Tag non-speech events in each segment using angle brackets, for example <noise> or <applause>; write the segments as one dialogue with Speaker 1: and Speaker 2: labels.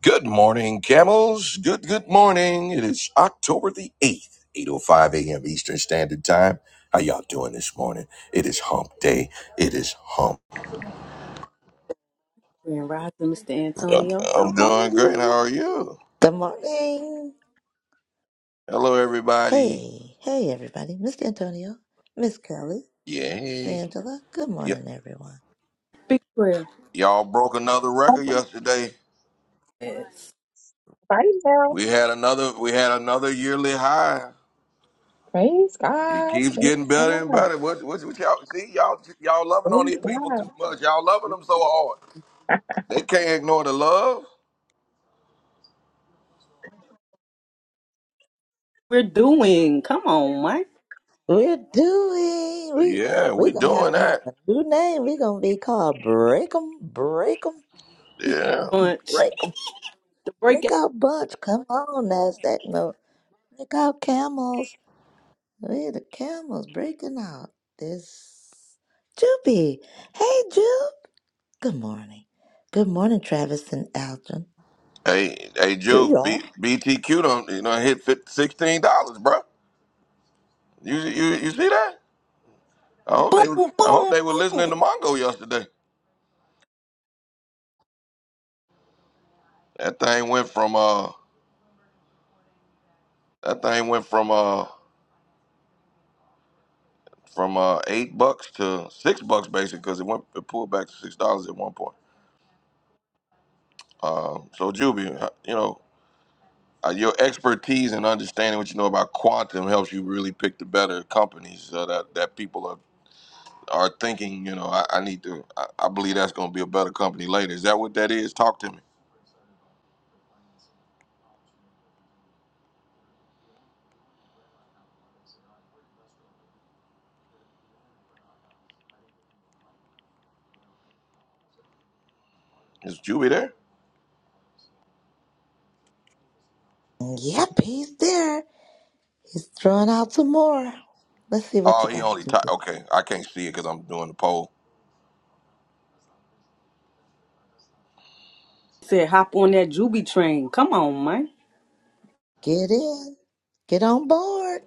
Speaker 1: Good morning, camels. Good, good morning. It is October the 8th, 8.05 a.m. Eastern Standard Time. How y'all doing this morning? It is hump day. It is hump.
Speaker 2: Grand Rising, Mr.
Speaker 1: I'm
Speaker 2: Antonio. How are
Speaker 1: doing great. How
Speaker 2: you?
Speaker 1: are you?
Speaker 3: Good morning.
Speaker 1: Hello, everybody.
Speaker 3: Hey, hey, everybody. Mr. Antonio, Miss Kelly, Miss
Speaker 1: Yay.
Speaker 3: Angela. Good
Speaker 1: Y-
Speaker 3: morning, everyone.
Speaker 2: Big prayer.
Speaker 1: y'all broke another
Speaker 4: Right
Speaker 1: record yesterday.
Speaker 2: Yes.
Speaker 4: now,
Speaker 1: We had another, we had another yearly high.
Speaker 4: praise God, praise
Speaker 1: It
Speaker 4: God,
Speaker 1: keeps getting better and better. What, what, what y'all see? Y'all, y'all loving on these
Speaker 4: praise
Speaker 1: people
Speaker 4: God.
Speaker 1: too much. Y'all loving them so hard. They can't ignore the love.
Speaker 2: We're doing. Come on, Mike.
Speaker 3: We're doing. We
Speaker 1: Yeah,
Speaker 3: we
Speaker 1: we
Speaker 3: gonna have
Speaker 1: doing
Speaker 3: to have
Speaker 1: that.
Speaker 3: a new name. We gonna be called Break 'em, Break 'em,
Speaker 1: Yeah.
Speaker 2: Punch.
Speaker 3: Break 'em,
Speaker 2: The break it.
Speaker 3: Breakout Bunch. Come on, Nasdaq note. Break out camels. We're the camels breaking out. This Jupy. Hey, Jupe. Good morning. Good morning, Travis and Alton.
Speaker 1: Hey, hey,
Speaker 3: Hey,
Speaker 1: Juke,
Speaker 3: y'all.
Speaker 1: B- BTQ not you know, hit fif- sixteen dollars, bro. You, you, you see that? I hope they,
Speaker 2: Boom,
Speaker 1: I hope
Speaker 2: boom,
Speaker 1: they were listening
Speaker 2: boom.
Speaker 1: to Mongo yesterday. That thing went from, uh, that thing went from, uh, from uh eight bucks to six bucks basically because it went, it pulled back to six dollars at one point. Um, so Juby, uh, you know, uh, your expertise and understanding what you know about quantum helps you really pick the better companies uh, that that people are are thinking, you know, I, I need to, I, I believe that's going to be a better company later. Is that what that is? Talk to me. Is Juby there?
Speaker 3: Yep, he's there. He's throwing out some more. Let's see what
Speaker 1: Oh,
Speaker 3: you
Speaker 1: he
Speaker 3: got,
Speaker 1: only, ti
Speaker 3: Jupiter.
Speaker 1: okay, I can't see it because I'm doing the poll.
Speaker 2: Said hop on that Juby train. Come on, Mike.
Speaker 3: Get in. Get on board.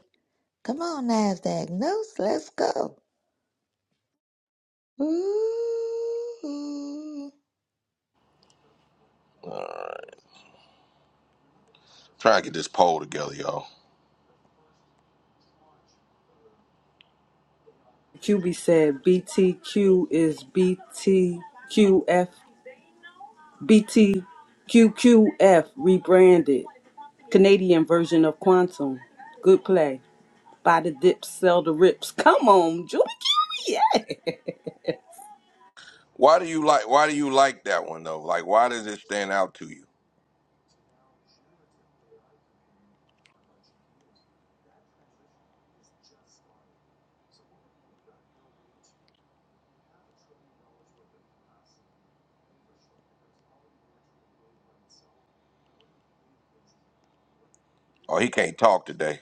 Speaker 3: Come on, NASDAQ. Notes, let's go. Ooh.
Speaker 1: Uh, trying to get this poll together, y'all.
Speaker 2: QB said BTQ is B T Q F. B T Q Q F rebranded. Canadian version of Quantum. Good play. Buy the dips, sell the rips. Come on, Juby. Yes.
Speaker 1: Why do you like, why do you like that one though? Like, why does it stand out to you? Oh, he can't talk today.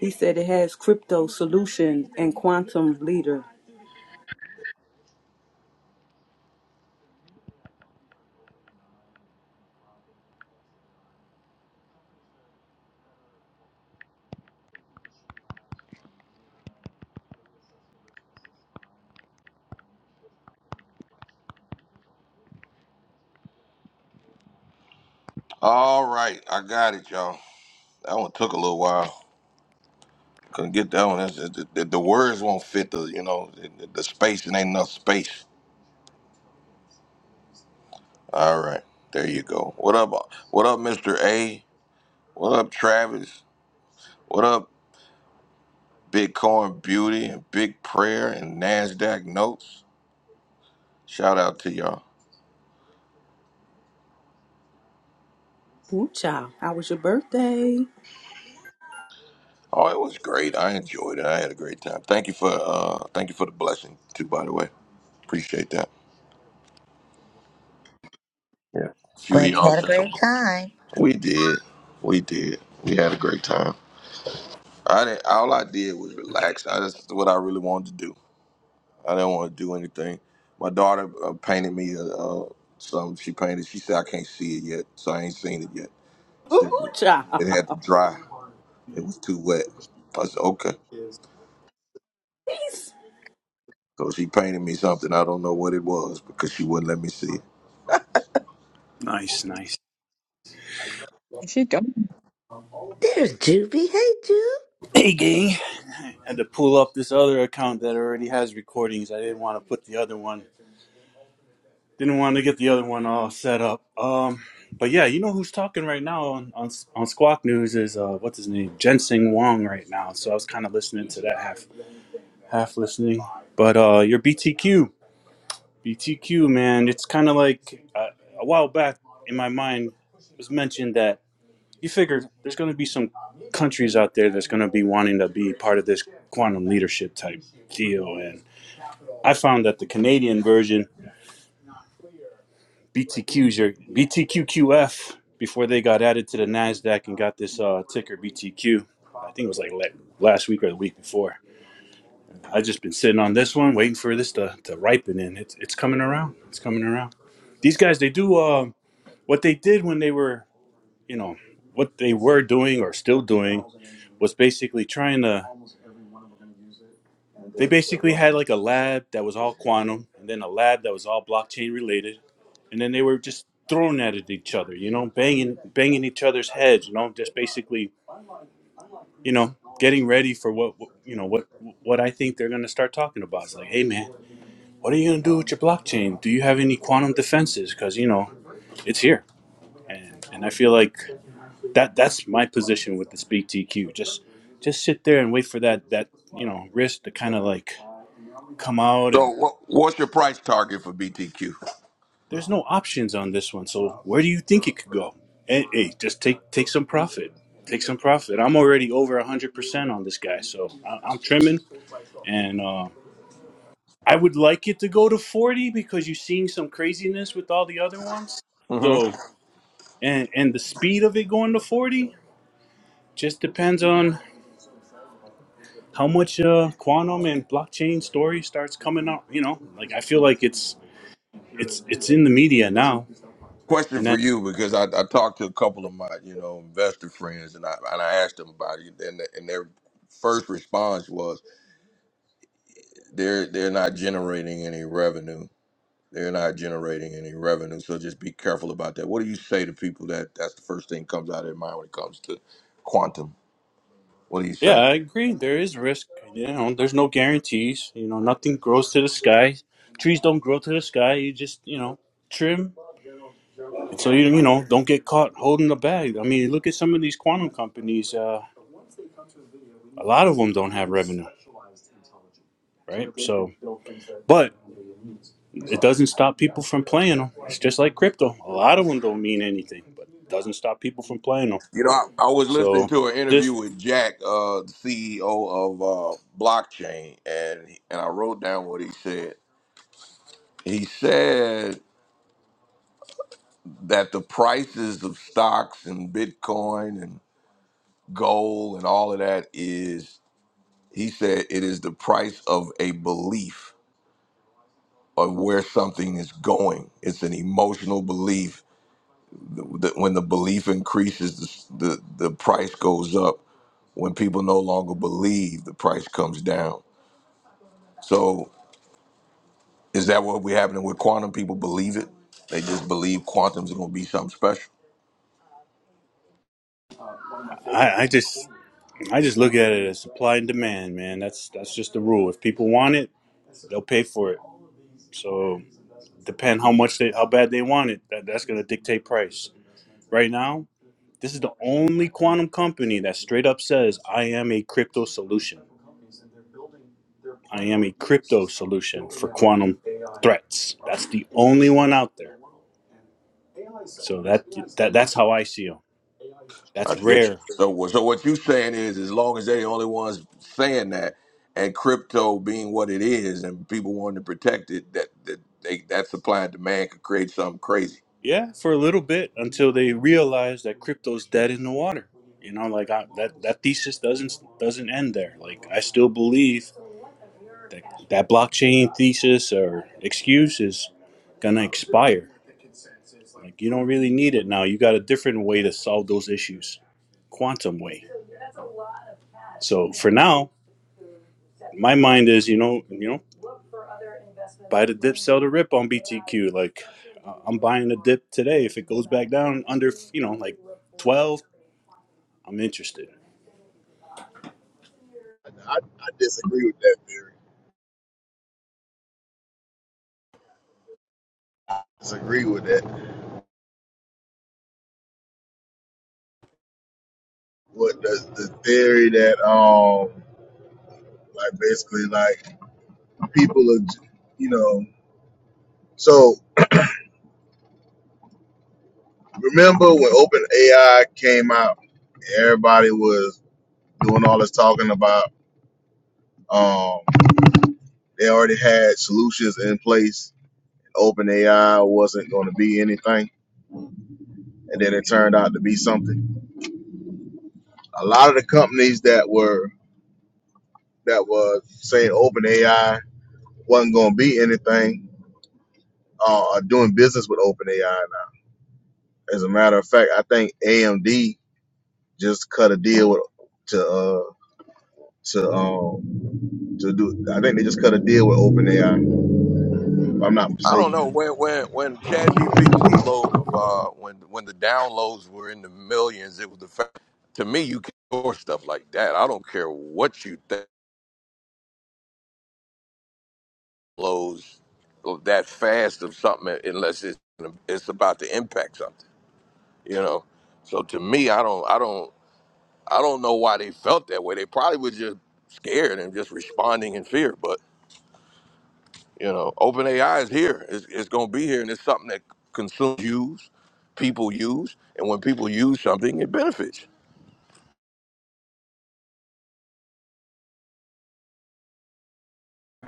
Speaker 2: He said it has crypto solution and quantum leader.
Speaker 1: All right, I got it, y'all. That one took a little while. Couldn't get that one. That's, the, the the words won't fit the, you know, the, the space. It ain't enough space. All right, there you go. What up, uh, what up, Mister A? What up, Travis? What up, Bitcoin Beauty and Big Prayer and NASDAQ Notes? Shout out to y'all.
Speaker 2: Ooh, child. How was your birthday?
Speaker 1: Oh, it was great. I enjoyed it. I had a great time. Thank you for uh thank you for the blessing too, by the way. Appreciate that. Yeah. A few of
Speaker 3: Glad you
Speaker 1: y'all
Speaker 3: had a
Speaker 1: sent some
Speaker 3: great time.
Speaker 1: We did. We did. We had a great time. I didn't all I did was relax. I just what I really wanted to do. I didn't want to do anything. My daughter uh, painted me uh, uh, something she painted. She said I can't see it yet, so I ain't seen it yet
Speaker 2: Ooh, ooh,
Speaker 1: Shit,
Speaker 2: child.
Speaker 1: It had to dry. It was too wet. I said, okay.
Speaker 2: Please.
Speaker 1: So she painted me something. I don't know what it was because she wouldn't let me see it.
Speaker 5: Nice, nice.
Speaker 4: And She don't.
Speaker 3: There's Juvie. Hey, Juve.
Speaker 5: Hey, gang. Had to pull up this other account that already has recordings. I didn't want to put the other one. Didn't want to get the other one all set up. Um, but yeah, you know who's talking right now on on, on Squawk News is uh, what's his name, Jensen Wong right now. So I was kind of listening to that half half listening. But uh, your BTQ, BTQ man, it's kind of like uh, a while back in my mind it was mentioned that You figure there's going to be some countries out there that's going to be wanting to be part of this quantum leadership type deal. And I found that the Canadian version, BTQs, your BTQQF, before they got added to the NASDAQ and got this uh, ticker BTQ, I think it was like last week or the week before. i just been sitting on this one, waiting for this to, to ripen. And it's, it's coming around. It's coming around. These guys, they do uh, what they did when they were, you know, what they were doing or still doing was basically trying to They basically had like a lab that was all quantum, and then a lab that was all blockchain related, and then they were just thrown at it each other, you know, banging banging each other's heads, you know, just basically, you know, getting ready for what what- you know what what I think they're gonna start talking about. It's like, hey man, what are you gonna do with your blockchain? Do you have any quantum defenses? Because you know it's here, and and I feel like that that's my position with the Speak TQ. Just just sit there and wait for that that you know risk to kind of like come out
Speaker 1: So
Speaker 5: and.
Speaker 1: what, what's your price target for BTQ?
Speaker 5: There's no options on this one. So where do you think it could go? Hey, hey just take take some profit. Take some profit. I'm already over 100% on this guy. So I, I'm trimming. And uh, I would like it to go to 40 because you're seeing some craziness with all the other ones.
Speaker 1: hmm
Speaker 5: So, and, and the speed of it going to 40 just depends on how much uh, quantum and blockchain story starts coming out. You know, like I feel like it's it's it's in the media now.
Speaker 1: Question
Speaker 5: and that.
Speaker 1: for you because I, I talked to a couple of my you know investor friends and I and I asked them about it and, and their first response was they're they're not generating any revenue. They're not generating any revenue, so just be careful about that. What do you say to people that that's the first thing comes out of their mind when it comes to quantum? What do you
Speaker 5: Yeah,
Speaker 1: say?
Speaker 5: I agree. There is risk. You know, there's no guarantees. You know, nothing grows to the sky. Trees don't grow to the sky. You just, you know, trim. So you, you know, don't get caught holding the bag. I mean, look at some of these quantum companies. Uh, a lot of them don't have revenue, right? So, but it doesn't stop people from playing them. It's just like crypto. A lot of them don't mean anything, but it doesn't stop people from playing them.
Speaker 1: You know, I, I was listening
Speaker 5: So
Speaker 1: to an interview
Speaker 5: this,
Speaker 1: with Jack, uh, the CEO of uh, blockchain, and he- and I wrote down what he said. He said that the prices of stocks and Bitcoin and gold and all of that is, he said, it is the price of a belief of where something is going. It's an emotional belief. The- the- When the belief increases, the, the, the price goes up when people no longer believe the price comes down. So is that what we're happening with quantum? People believe it. They just believe quantum's gonna be something special.
Speaker 5: I, I just, I just look at it as supply and demand, man. That's that's just the rule. If people want it They'll pay for it. So depend how much they how bad they want it. That, that's gonna dictate price. Right now, this is the only quantum company that straight up says I am a crypto solution. I am a crypto solution for quantum threats. That's the only one out there. So that that that's how I see them. That's
Speaker 1: I get you.
Speaker 5: rare.
Speaker 1: So so what you saying is as long as they're the only ones saying that and crypto being what it is and people wanting to protect it, that, that they that supply and demand could create something crazy.
Speaker 5: Yeah, for a little bit until they realize that crypto's dead in the water. You know, like I, that that thesis doesn't doesn't end there. Like I still believe that blockchain thesis or excuse is going to expire. Like you don't really need it now. You got a different way to solve those issues, quantum way. So for now, my mind is you know you know buy the dip, sell the rip on BTQ. Like uh, I'm buying the dip today. If it goes back down under you know like twelve, I'm interested.
Speaker 6: I, I disagree with that theory. Disagree with that. What the the theory that um like basically like people are j- you know so remember when OpenAI came out everybody was doing all this talking about um they already had solutions in place OpenAI wasn't going to be anything and then it turned out to be something a lot of the companies that were that was saying OpenAI wasn't going to be anything uh, are doing business with OpenAI now. As a matter of fact, I think AMD just cut a deal with to uh, to um to do. I think they just cut a deal with OpenAI, if I'm not
Speaker 1: I
Speaker 6: mistaken.
Speaker 1: don't know when when when ChatGPT load of uh when when the downloads were in the millions, it was the fact to me you can store stuff like that. I don't care what you think loads that fast of something uh, unless it's it's about to impact something, you know. So to me, I don't I don't I don't know why they felt that way. They probably were just scared and just responding in fear. but. You know, OpenAI is here. It's, it's going to be here, and it's something that consumers use, people use, and when people use something, it benefits.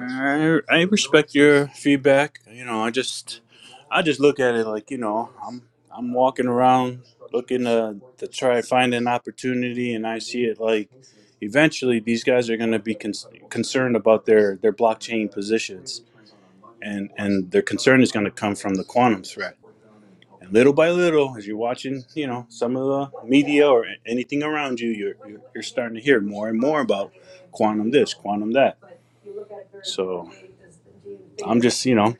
Speaker 5: I I respect your feedback. You know, I just I just look at it like you know I'm I'm walking around looking to to try to find an opportunity, and I see it like eventually these guys are going to be con- concerned about their their blockchain positions, and and their concern is going to come from the quantum threat. And little by little, as you're watching, you know some of the media or anything around you, you're you're, you're starting to hear more and more about quantum this, quantum that. So I'm just you know.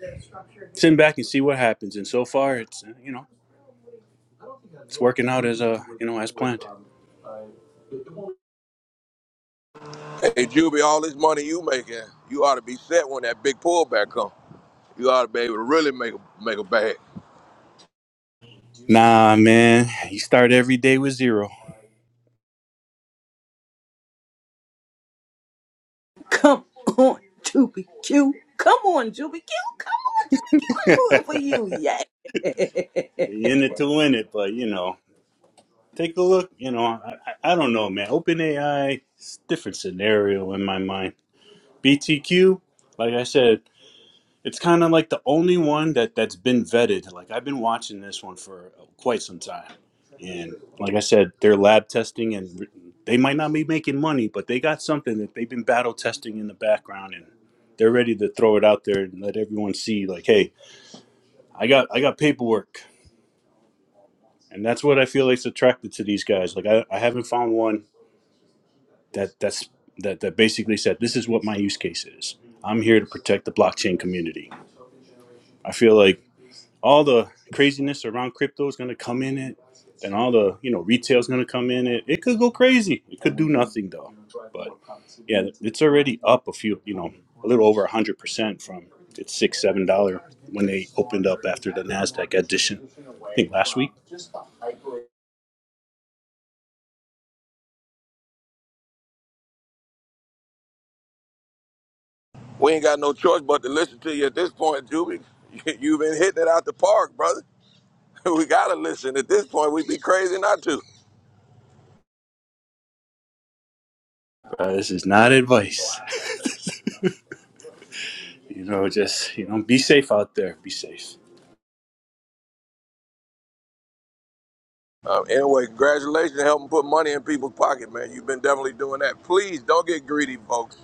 Speaker 5: sitting back and see what happens. And so far, it's uh, you know it's working out as uh you know as planned.
Speaker 1: Hey, Juby, all this money you making, you ought to be set when that big pullback comes. You ought to be able to really make a, make a bag.
Speaker 5: Nah, man, you start every day with zero.
Speaker 2: Come on, Juby Q. Come on, Juby Q. Come on, Juby Q.
Speaker 5: <laughs>
Speaker 2: I'm
Speaker 5: you
Speaker 2: rooting for you. Yeah. <laughs>
Speaker 5: in it to win it, but you know, take a look. You know, I, I I don't know, man. OpenAI, it's a different scenario in my mind. BTQ, like I said. It's kind of like the only one that that's been vetted. Like I've been watching this one for uh, quite some time, and like I said, they're lab testing, and they might not be making money, but they got something that they've been battle testing in the background, and they're ready to throw it out there and let everyone see, like, hey, I got I got paperwork, and that's what I feel like's attracted to these guys. Like I, I haven't found one that that's that that basically said this is what my use case is. I'm here to protect the blockchain community. I feel like all the craziness around crypto is going to come in it and all the you know retail is going to come in it it could go crazy it could do nothing though but yeah it's already up a few you know a little over 100% from it's six seven dollar when they opened up after the nasdaq addition i think last week
Speaker 1: We ain't got no choice but to listen to you at this point, Juby. <laughs> You've been hitting it out the park, brother. <laughs> We got to listen. At this point, we'd be crazy not to.
Speaker 5: Uh, this is not advice <laughs> you know just you know be safe out there be safe
Speaker 1: Uh, anyway, congratulations on helping put money in people's pocket, man. You've been definitely doing that. Please don't get greedy, folks.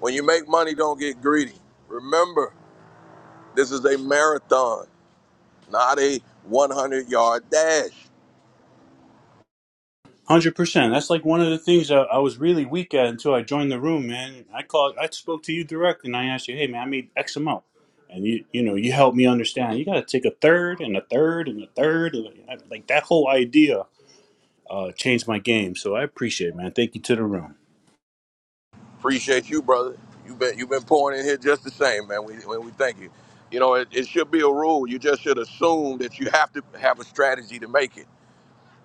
Speaker 1: When you make money, don't get greedy. Remember, this is a marathon, not a 100 yard dash.
Speaker 5: Hundred percent. That's like one of the things I, I was really weak at until I joined the room, man. I called, I spoke to you direct, and I asked you, "Hey, man, I made X amount," and you, you know, you helped me understand. You got to take a third and a third and a third, and I- like that whole idea uh, changed my game. So I appreciate, it, man. Thank you to the room.
Speaker 1: Appreciate you, brother. You've been, you've been pouring in here just the same, man. We, we thank you. You know, it, it should be a rule. You just should assume that you have to have a strategy to make it.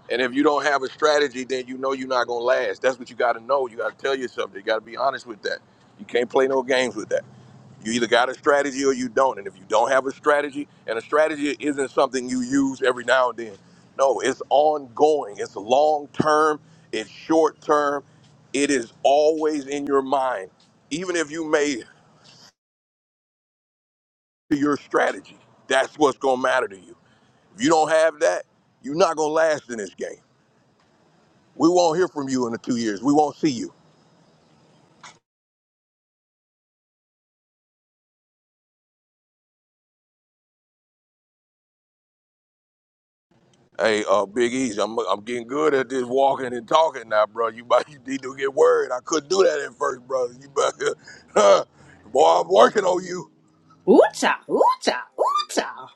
Speaker 1: And if you don't have a strategy, then you know you're not going to last. That's what you got to know. You got to tell yourself. that. You got to be honest with that. You can't play no games with that. You either got a strategy or you don't. And if you don't have a strategy, and a strategy isn't something you use every now and then. No, it's ongoing. It's long term. It's short term. It is always in your mind. Even if you made to your strategy, that's what's gonna matter to you. If you don't have that, you're not gonna last in this game. We won't hear from you in the two years. We won't see you. Hey, uh, Big Easy, I'm I'm getting good at this walking and talking now, bro. You about <laughs> you need to get worried. I couldn't do that at first, brother. You better, <laughs> boy, I'm working on you.
Speaker 2: Ooh, child. Ooh, child. Ooh, child.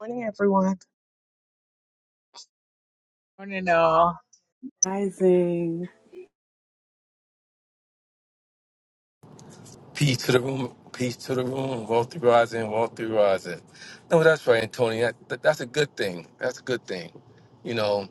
Speaker 7: Morning, everyone.
Speaker 8: Morning, all.
Speaker 2: Rising.
Speaker 9: Peace to the room. Peace to the room. Walk through rising. Walk through rising. No, that's right, Antonio. That, that- that's a good thing. That's a good thing. You know.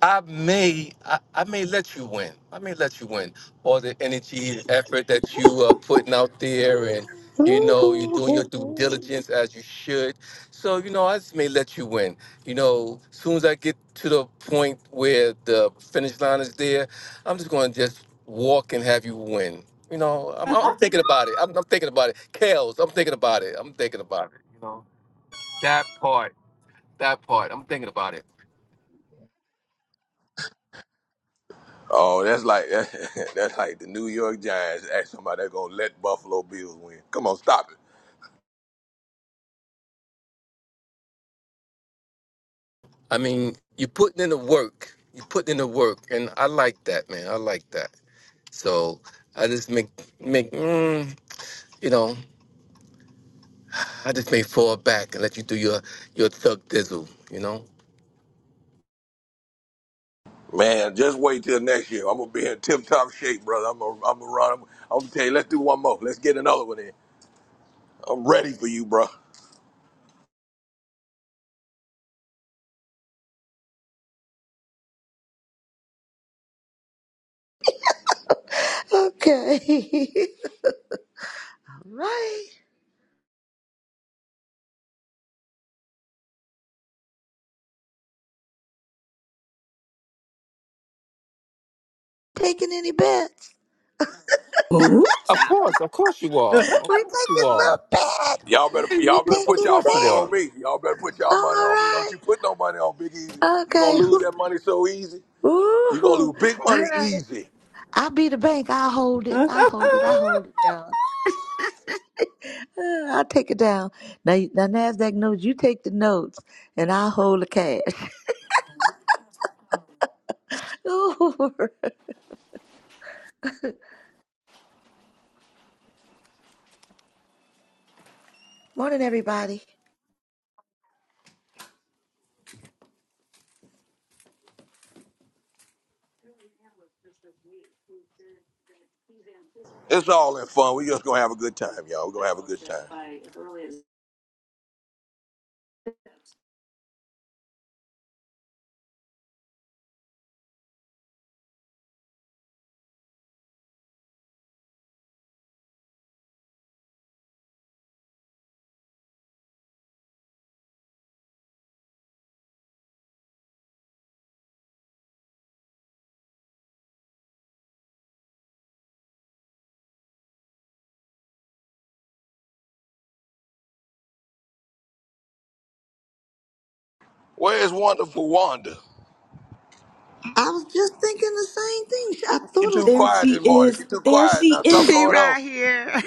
Speaker 9: I may I, I may let you win. I may let you win. All the energy, effort that you are putting out there, and you know you're doing your due
Speaker 3: Ooh.
Speaker 9: diligence as you should. So you know I just may let you win. You know, as soon as I get to the point where the finish line is there, I'm just going to just walk and have you win. You know, I'm, I'm I'm thinking about it. I'm, I'm thinking about it. Kales, I'm thinking about it. I'm thinking about it. You know, that part, that part, I'm thinking about it.
Speaker 1: Oh, that's like <laughs> that's like the New York Giants ask somebody that's gonna let Buffalo Bills win. Come on, stop it,
Speaker 9: I mean, you putting in the work. You putting in the work, and I like that, man. I like that. So I just make make mm, you know, I just may fall back and let you do your your thug dizzle, you know.
Speaker 1: man. Just wait till next year. I'm gonna be in tip-top shape, brother. I'm gonna I'm gonna run. I'm, I'm gonna tell you, let's do one more. Let's get another one in. I'm ready for you, bro.
Speaker 3: Okay. <laughs> All right. Taking any bets?
Speaker 2: Ooh,
Speaker 9: Of course, of course you are.
Speaker 2: child.
Speaker 9: Of
Speaker 3: We're
Speaker 9: course you
Speaker 3: taking
Speaker 9: are.
Speaker 3: some bets.
Speaker 1: Y'all better
Speaker 9: <laughs>
Speaker 3: We're
Speaker 1: y'all better
Speaker 9: Of
Speaker 1: put
Speaker 3: taking
Speaker 1: y'all
Speaker 9: course
Speaker 1: money
Speaker 9: you are.
Speaker 1: on
Speaker 3: bets.
Speaker 1: me. Y'all better put
Speaker 3: All
Speaker 1: y'all money on me. Don't
Speaker 3: right.
Speaker 1: you put no money on Big Easy. You gonna
Speaker 3: Okay. <laughs>
Speaker 1: lose that money so easy. You gonna
Speaker 3: Ooh.
Speaker 1: lose big
Speaker 3: All
Speaker 1: money
Speaker 3: right.
Speaker 1: easy.
Speaker 3: I be the bank. I hold it. I hold
Speaker 2: <laughs>
Speaker 3: it. I hold it down. Uh, I take it down. Now, you- now Nasdaq knows you take the notes, and I hold the cash. <laughs> Ooh. Morning, everybody.
Speaker 1: It's all in fun. We just gonna have a good time, y'all. We're gonna have a good time. Where is wonderful Wanda?
Speaker 3: I was just thinking the same thing. I
Speaker 1: She
Speaker 3: thought
Speaker 1: too
Speaker 2: There
Speaker 1: quiet
Speaker 2: she
Speaker 1: this morning. She
Speaker 2: is.
Speaker 1: too
Speaker 2: There
Speaker 1: quiet
Speaker 2: she
Speaker 1: now.
Speaker 10: <laughs>
Speaker 1: Something
Speaker 2: is.
Speaker 10: She
Speaker 1: going on.
Speaker 10: right here.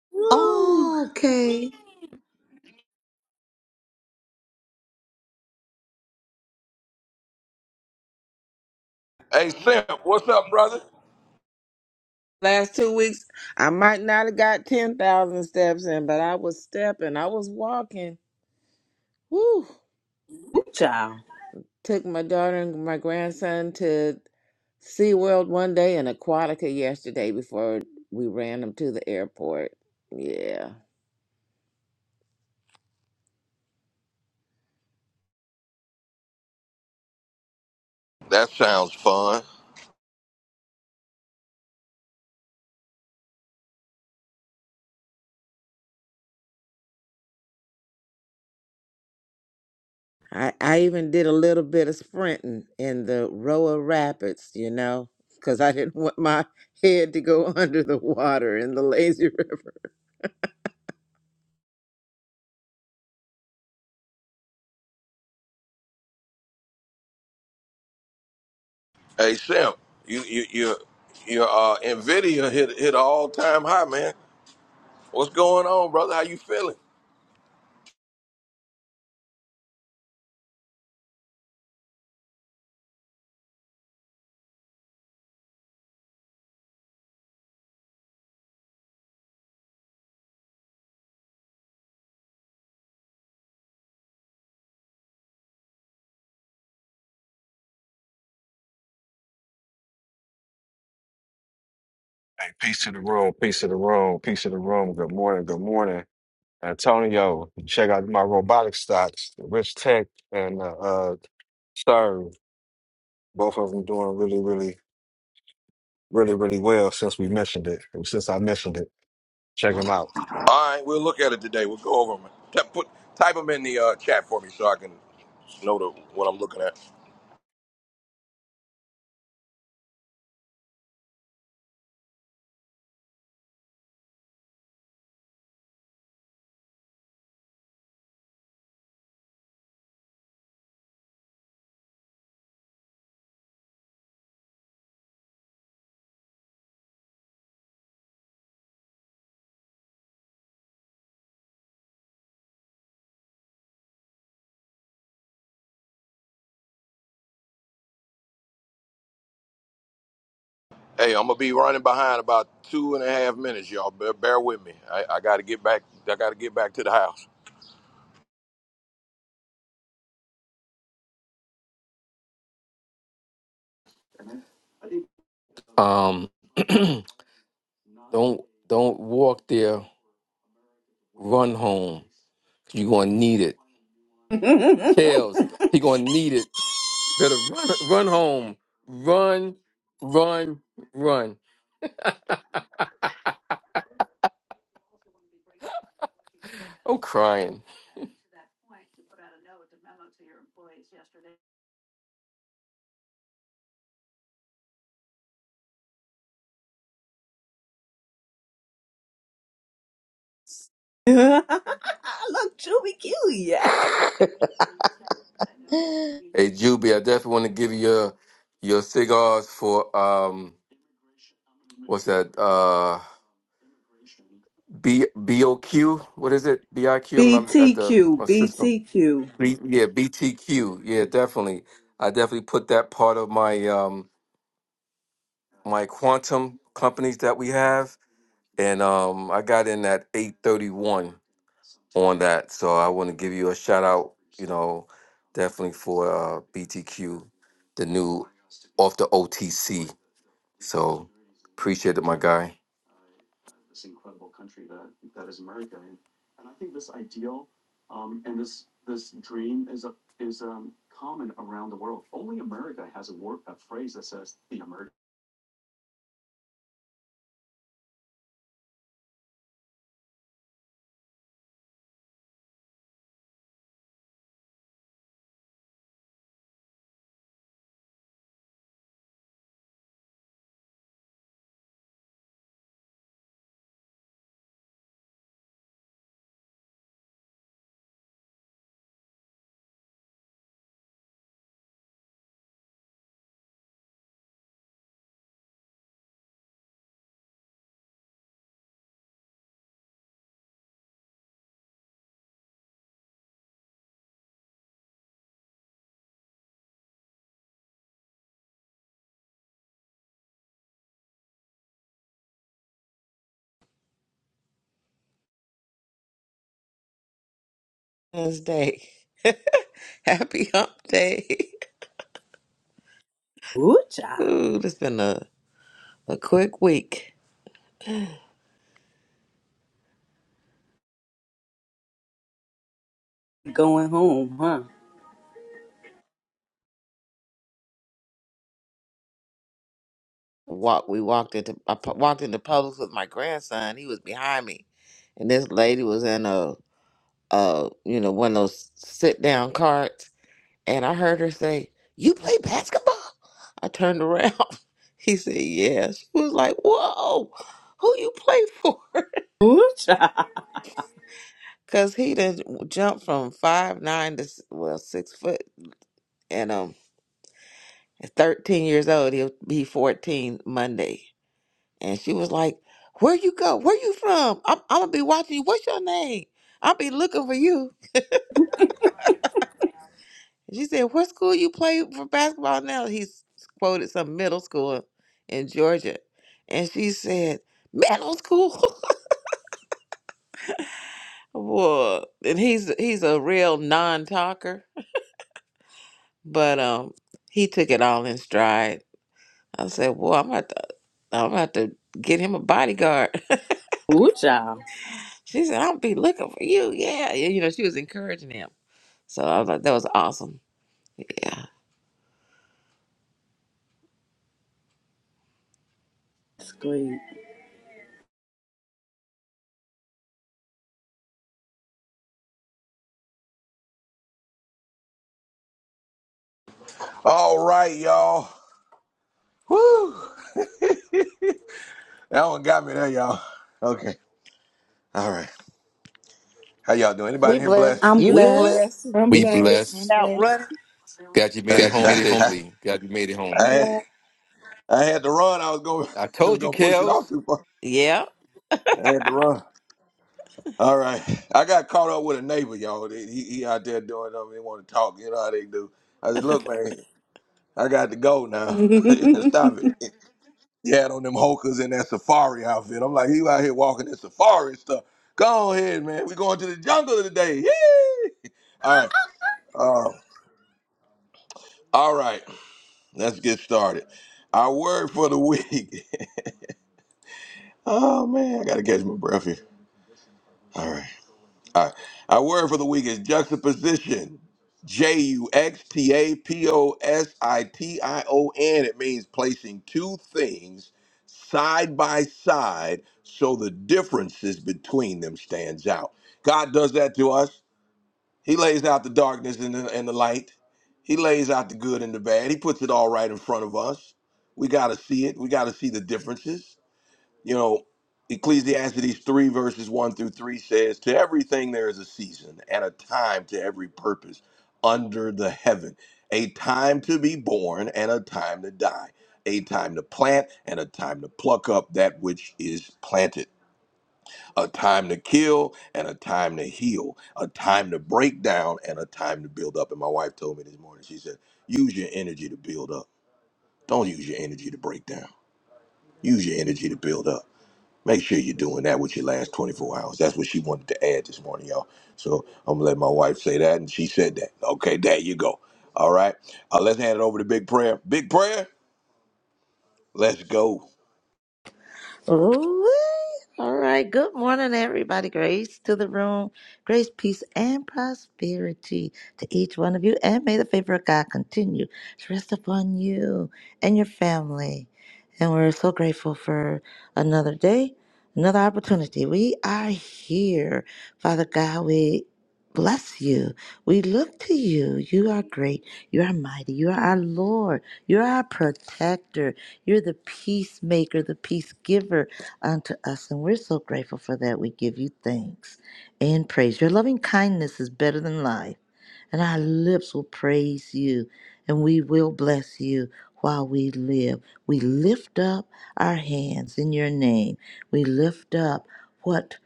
Speaker 10: <laughs> Woo.
Speaker 3: of. Okay.
Speaker 1: Hey Simp, what's up, brother?
Speaker 10: Last two weeks, I might not have got 10,000 steps in, but I was stepping. I was walking. Woo.
Speaker 2: Ooh, child.
Speaker 10: Took my daughter and my grandson to SeaWorld one day and Aquatica yesterday before we ran them to the airport. Yeah.
Speaker 1: That sounds fun.
Speaker 10: I, I even did a little bit of sprinting in the Roa Rapids, you know, because I didn't <laughs> want my head to go <laughs> under the water in the lazy river.
Speaker 1: Hey Simp, you you you your uh Nvidia hit hit an all time high, man. What's going on, brother? How you feeling?
Speaker 11: Hey, peace to the room, peace to the room, peace to the room. Good morning, good morning. Antonio, check out my robotic stocks, Rich Tech and uh, uh Stern. Both of them doing really, really, really, really well since we mentioned it, or since I mentioned it. Check them out.
Speaker 1: All right, we'll look at it today. We'll go over them. T- Put, type them in the uh, chat for me so I can know the, what I'm looking at. Hey, I'm gonna be running behind about two and a half minutes, y'all. Bear, bear with me. I, I gotta get back. I gotta get back to the house.
Speaker 9: Um, <clears throat> don't don't walk there. Run home. you gonna need it.
Speaker 2: <laughs> Look,
Speaker 9: Kales, he gonna need it. Better run run home. Run, run, run. I'm crying.
Speaker 2: Juby Q. yeah.
Speaker 9: Hey, Juby, I definitely want to give you your, your cigars for um, what's that? Uh, B B O Q. What is it? B I Q. I'm
Speaker 2: B
Speaker 9: not
Speaker 2: T
Speaker 9: at the
Speaker 2: Q
Speaker 9: my
Speaker 2: B
Speaker 9: system.
Speaker 2: T Q.
Speaker 9: B, yeah, B T Q. Yeah, definitely. I definitely put that part of my um my quantum companies that we have, and um I got in at eight thirty one on that. So I want to give you a shout out. You know, definitely for uh, BTQ, the new off the OTC. So appreciate it, my guy.
Speaker 10: Wednesday. <laughs> <laughs> Happy hump day.
Speaker 2: Ooh,
Speaker 10: <laughs>
Speaker 2: child.
Speaker 10: Ooh, it's been a, a quick week.
Speaker 2: Going home, huh?
Speaker 10: Walk we walked into I pu- walked into Publix with my grandson. He was behind me. And this lady was in a uh you know, one of those sit down carts and I heard her say, You play basketball? I turned around. <laughs> He said, Yes. She was like, Whoa, who you play for? <laughs>
Speaker 2: Ooh, child.
Speaker 10: Cause he didn't jump from five nine to s- well six foot At 13 years old, he'll be 14 Monday. And she was like, Where you go? Where you from? I'm, I'm gonna be watching you. What's your name? I'll be looking for you. And she said, What school you play for basketball now? He's quoted some middle school in Georgia. And she said, Middle school. <laughs> Whoa. And he's he's a real non talker. But um he took it all in stride. I said, Well, I'm gonna to, I'm gonna have to get him a bodyguard.
Speaker 2: Ooh, child.
Speaker 10: She said, I'll be looking for you. Yeah. yeah. You know, she was encouraging him. So I was like, that was awesome. Yeah.
Speaker 2: That's great.
Speaker 1: All right, y'all. Woo! <laughs> that one got me there, y'all. Okay. All right. How y'all doing?
Speaker 3: We
Speaker 1: Anybody here blessed?
Speaker 3: blessed.
Speaker 2: I'm
Speaker 3: You
Speaker 10: We
Speaker 3: good?
Speaker 2: blessed.
Speaker 10: blessed.
Speaker 12: I'm
Speaker 9: We
Speaker 10: Did you finish
Speaker 12: blessed.
Speaker 10: it
Speaker 13: I'm
Speaker 9: blessed.
Speaker 10: out
Speaker 13: blessed.
Speaker 10: running?
Speaker 9: God, you made it
Speaker 13: God,
Speaker 1: <laughs>
Speaker 13: you
Speaker 9: home
Speaker 13: made it home
Speaker 1: I
Speaker 9: safely. God, you made it
Speaker 7: i
Speaker 9: home.
Speaker 1: I had, I had to run. I was going.
Speaker 9: I
Speaker 1: <laughs> I was
Speaker 9: told you,
Speaker 1: gonna push it off
Speaker 9: Kels.
Speaker 1: too far.
Speaker 10: Yeah.
Speaker 1: I had to run. All right. I got caught up with a neighbor, y'all. He, he he out there doing something. He want to talk. You know how they do. I said, look, man, I got to go
Speaker 2: <laughs>
Speaker 1: now. <laughs> Stop
Speaker 2: Amen.
Speaker 1: it. He had on them hokers in that safari outfit. I'm like, he out here walking in safari stuff. Go ahead, man. we going to the jungle today. <laughs> Yee! All right. Uh, all right. Let's get started. Our word for the week. <laughs> oh, man. I got to catch my breath here. All right. All right. Our word for the week is juxtaposition. J U X T A P O S I T I O N. It means placing two things side by side so the differences between them stands out. God does that to us. He lays out the darkness and the, and the light. He lays out the good and the bad. He puts it all right in front of us. We got to see it. We got to see the differences you know, Ecclesiastes 3, verses 1 through 3 says, To everything there is a season and a time to every purpose under the heaven, a time to be born and a time to die, a time to plant and a time to pluck up that which is planted, a time to kill and a time to heal, a time to break down and a time to build up. And my wife told me this morning, she said, Use your energy to build up. Don't use your energy to break down. Use your energy to build up. Make sure you're doing that with your last 24 hours. That's what she wanted to add this morning, y'all. So I'm gonna let my wife say that, and she said that. Okay, there you go. All right, uh, let's hand it over to Big Prayer. Big Prayer, let's go.
Speaker 3: Ooh, all right. Good morning, everybody. Grace to the room. Grace, peace, and prosperity to each one of you. And may the favor of God continue to rest upon you and your family. And we're so grateful for another day, another opportunity. We are here. Father God, we bless you. We look to you. You are great. You are mighty. You are our Lord. You are our protector. You're the peacemaker, the peace giver unto us. And we're so grateful for that. We give you thanks and praise. Your loving kindness is better than life. And our lips will praise you. And we will bless you while we live. We lift up our hands in your name. We lift up what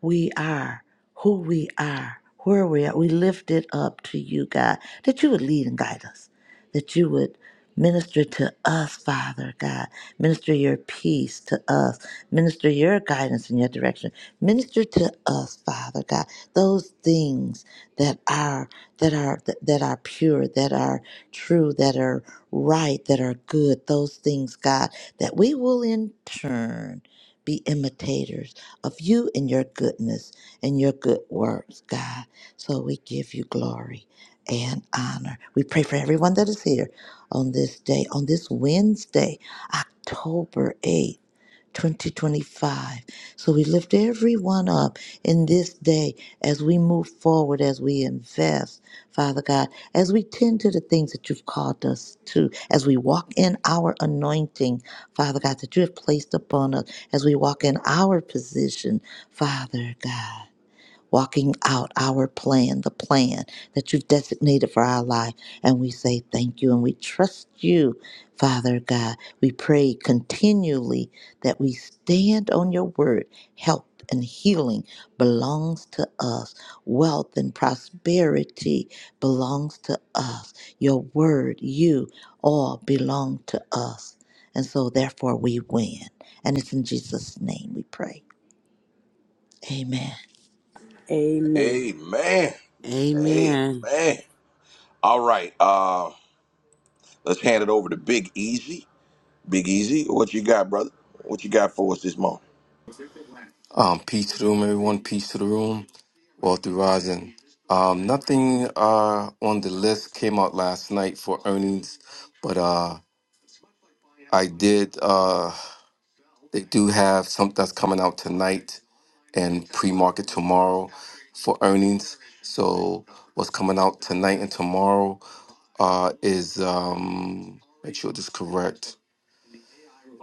Speaker 3: we are, who we are, where we are. We lift it up to you, God, that you would lead and guide us, that you would minister to us, Father God. Minister your peace to us, minister your guidance and your direction. Minister to us, Father God, those things that are that are that are pure, that are true, that are right, that are good, those things, God, that we will in turn be imitators of you and your goodness and your good works, God. So we give you glory and honor. We pray for everyone that is here on this day, on this Wednesday, October 8th. 2025. So we lift everyone up in this day as we move forward, as we invest, Father God, as we tend to the things that you've called us to, as we walk in our anointing, Father God, that you have placed upon us, as we walk in our position, Father God walking out our plan, the plan that you've designated for our life. And we say thank you and we trust you, Father God. We pray continually that we stand on your word. Health and healing belongs to us, wealth and prosperity belongs to us. Your word, you all belong to us. And so, therefore, we win. And it's in Jesus' name we pray. Amen.
Speaker 2: I
Speaker 1: Amen.
Speaker 10: Amen.
Speaker 1: Amen. All right, uh, let's hand it over to Big Easy. Big Easy, what you got, brother? What you got for us this morning?
Speaker 9: Um, peace to the room, everyone. Peace to the room. Walter Rising. Um, nothing uh on the list came out last night for earnings, but uh I did uh they do have something that's coming out tonight and pre-market tomorrow for earnings. So what's coming out tonight and tomorrow uh, is um, make sure this is correct.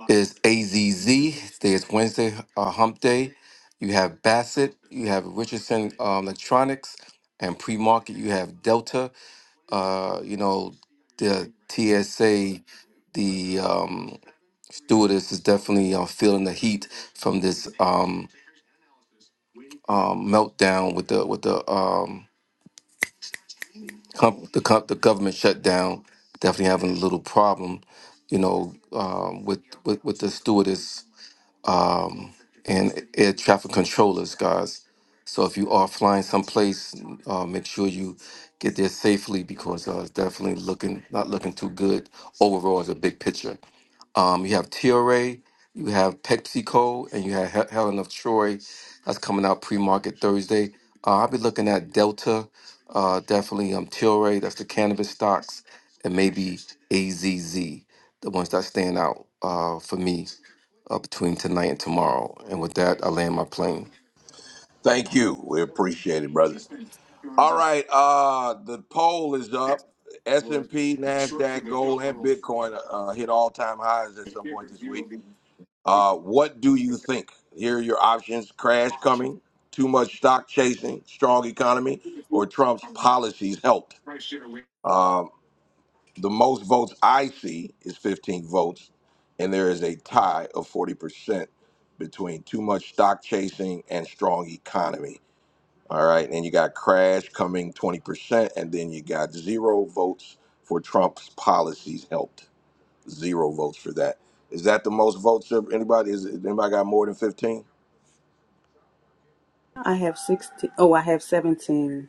Speaker 9: Is AZZ? There's Wednesday uh, Hump Day. You have Bassett. You have Richardson um, Electronics, and pre market. You have Delta. Uh, you know the TSA. The um, stewardess is definitely uh, feeling the heat from this um, um, meltdown with the with the um, com- the co- the government shutdown definitely having a little problem, you know, um, with, with with the stewardess um, and air traffic controllers, guys. So if you are flying someplace, uh, make sure you get there safely because uh, it's definitely looking not looking too good overall as a big picture. Um, you have TRA, you have PepsiCo, and you have Hel- Helen of Troy. That's coming out pre-market Thursday. Uh, I'll be looking at Delta uh, definitely um, Tilray, that's the cannabis stocks, and maybe AZZ, the ones that stand out uh, for me uh, between tonight and tomorrow. And with that, I land my plane.
Speaker 1: Thank you. We appreciate it, brother. All right. Uh, the poll is up. S and P, Nasdaq, gold, and Bitcoin uh, hit all time highs at some point this week. Uh, what do you think? Here are your options: crash coming, too much stock chasing, strong economy, or Trump's policies helped. Um, the most votes I see is 15 votes, and there is a tie of 40 percent between too much stock chasing and strong economy. All right. And you got Crash coming 20%. And then you got zero votes for Trump's policies helped. Zero votes for that. Is that the most votes of anybody? Is it, anybody got more than 15?
Speaker 2: have 16. Oh, I have 17.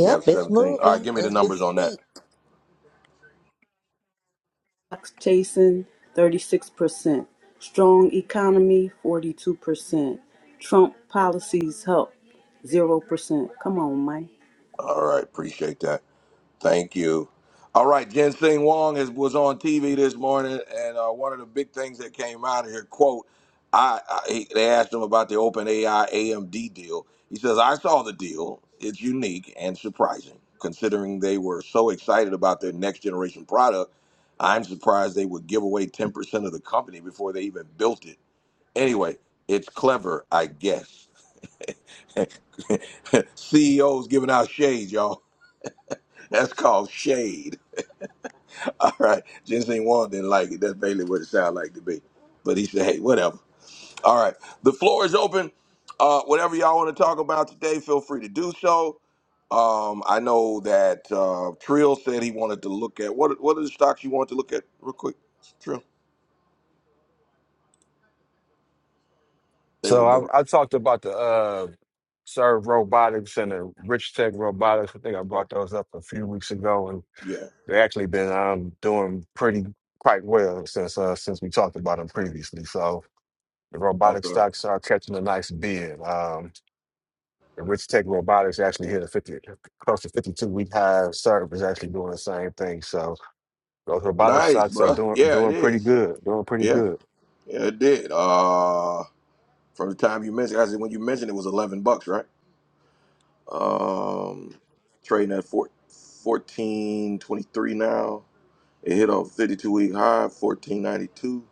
Speaker 1: You have
Speaker 3: it's
Speaker 1: 17. All right.
Speaker 3: moving
Speaker 1: Give me the
Speaker 3: as we
Speaker 1: numbers on that.
Speaker 3: speak.
Speaker 2: Fox chasing, 36%. Strong economy, 42%. Trump policies help, 0%. Come on, man.
Speaker 1: All right. Appreciate that. Thank you. All right, Jen Sing Wong is, was on TV this morning, and uh, one of the big things that came out of here, quote, I, I he- they asked him about the OpenAI AMD deal. He says, "I saw the deal. It's unique and surprising, considering they were so excited about their next generation product. I'm surprised they would give away 10% of the company before they even built it. Anyway, it's clever, I guess. <laughs> CEOs giving out shade, y'all. That's called shade." <laughs> All right. Ginseng Wan didn't like it. That's basically what it sounded like to me. But he said, hey, whatever. All right. The floor is open. Uh, whatever y'all want to talk about today, feel free to do so. Um, I know that uh, Trill said he wanted to look at what what are the stocks you want to look at real quick? Trill. They
Speaker 11: So
Speaker 1: were doing
Speaker 11: I, I talked about the uh Serve Robotics and the Rich Tech Robotics. I think I brought those up a few weeks ago, and
Speaker 1: yeah.
Speaker 11: they actually been um, doing pretty quite well since uh, since we talked about them previously. So. The robotic
Speaker 1: Okay.
Speaker 11: stocks are catching a nice bid. Um, the Rich Tech Robotics actually hit a 50, close to 52 week high. Serve is actually doing the same thing. So those robotic
Speaker 1: Nice,
Speaker 11: stocks are
Speaker 1: bro.
Speaker 11: doing
Speaker 1: Yeah, it
Speaker 11: doing pretty
Speaker 1: is.
Speaker 11: good. Doing pretty
Speaker 1: Yeah,
Speaker 11: good.
Speaker 1: yeah, it did. Uh from the time you mentioned I said when you mentioned it was eleven bucks, right? Um, trading at four, 1423 now. It hit a 52 week high, 1492.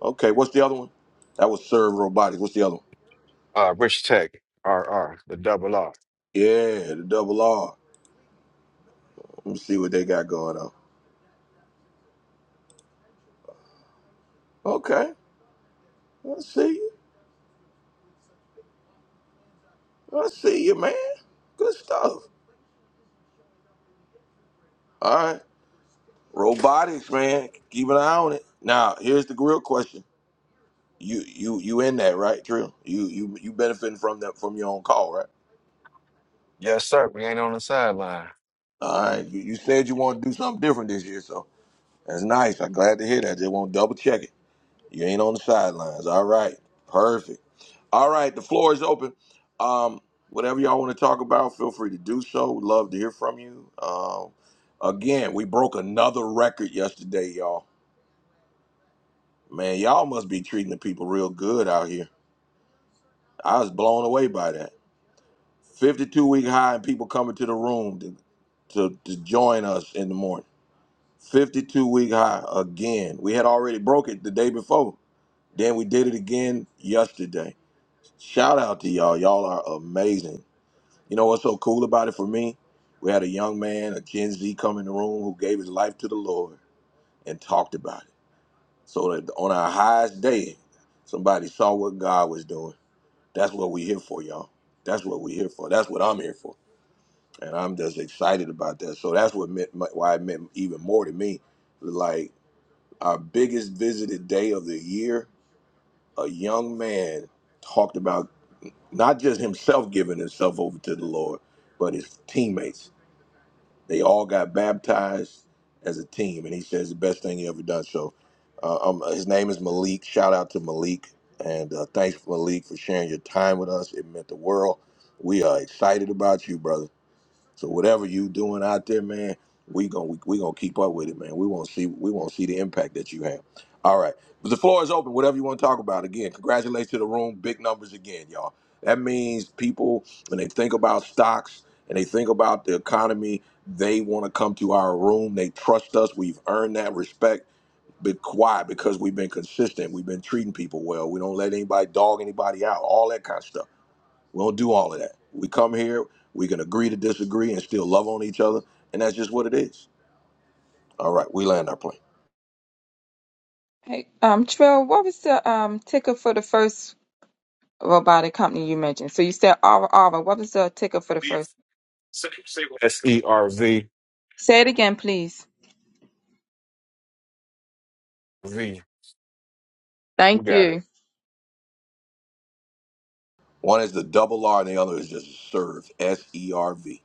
Speaker 1: Okay, what's the other one? That was Serve Robotics. What's the other one?
Speaker 11: Uh, Rich Tech, R R, the double R.
Speaker 1: Yeah, the double R. Let me see what they got going on. Okay, I see you. I see you, man. Good stuff. All right, robotics, man. Keep an eye on it. Now, here's the real question. You you you in that right, Trill? You you you benefiting from that from your own call, right?
Speaker 11: Yes, sir. We ain't on the sideline.
Speaker 1: All right, you, you said you want to do something different this year, so that's nice. I'm glad to hear that. Just want to double check it. You ain't on the sidelines. All right, perfect. All right, the floor is open. Um, whatever y'all want to talk about, feel free to do so. We'd love to hear from you. Um, again, we broke another record yesterday, y'all. Man, y'all must be treating the people real good out here. I was blown away by that. 52 week high and people coming to the room to, to, to join us in the morning. 52 week high again. We had already broke it the day before. Then we did it again yesterday. Shout out to y'all. Y'all are amazing. You know what's so cool about it for me? We had a young man, a Gen Z, come in the room who gave his life to the Lord and talked about it. So that on our highest day, somebody saw what God was doing. That's what we're here for, y'all. That's what we're here for. That's what I'm here for. And I'm just excited about that. So that's what meant, why it meant even more to me. Like our biggest visited day of the year, a young man talked about not just himself giving himself over to the Lord, but his teammates. They all got baptized as a team, and he says the best thing he ever done. So, uh, um, his name is Malik. Shout out to Malik, and uh, thanks Malik for sharing your time with us. It meant the world. We are excited about you, brother. So whatever you doing out there, man, we gonna we, we gonna keep up with it, man. We want to see we want to see the impact that you have. All right, but the floor is open. Whatever you want to talk about, again, congratulations to the room. Big numbers again, y'all. That means people when they think about stocks and they think about the economy, they want to come to our room. They trust us. We've earned that respect. Be quiet because we've been consistent. We've been treating people well. We don't let anybody dog anybody out. All that kind of stuff. We don't do all of that. We come here, we can agree to disagree and still love on each other, and that's just what it is. All right, we land our plane.
Speaker 4: Hey, um, Trill, what was the um ticker for the first robotic company you mentioned? So you said Aura Aura. What was the ticker for the first?
Speaker 11: S E R V
Speaker 4: Say it again, please.
Speaker 11: V. Who
Speaker 4: Thank
Speaker 11: got it?
Speaker 4: you.
Speaker 1: One is the double R, and the other is just serve, S E R V.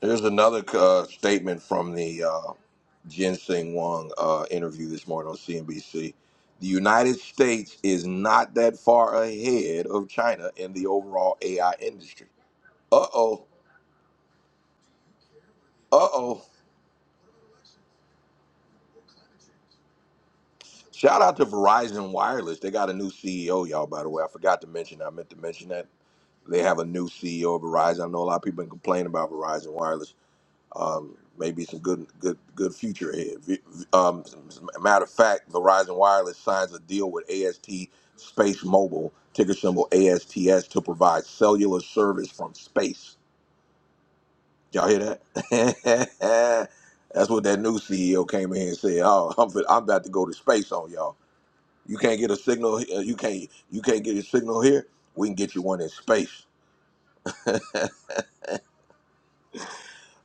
Speaker 1: There's another uh, statement from the uh, Jin Sing Wong uh, interview this morning on CNBC. The United States is not that far ahead of China in the overall AI industry. Uh oh, uh oh. Shout out to Verizon Wireless. They got a new CEO, y'all, by the way. I forgot to mention. I meant to mention that They have a new CEO of Verizon. I know a lot of people been complaining about Verizon Wireless. Um, maybe some good, good, good future ahead. V- v- Um, matter of fact, Verizon Wireless signs a deal with AST Space Mobile, ticker symbol ASTS, to provide cellular service from space. Y'all hear that? <laughs> That's what that new CEO came in here and said. Oh, I'm, fin- I'm about to go to space on y'all. You can't get a signal. he- uh, You can't. You can't get a signal here. We can get you one in space.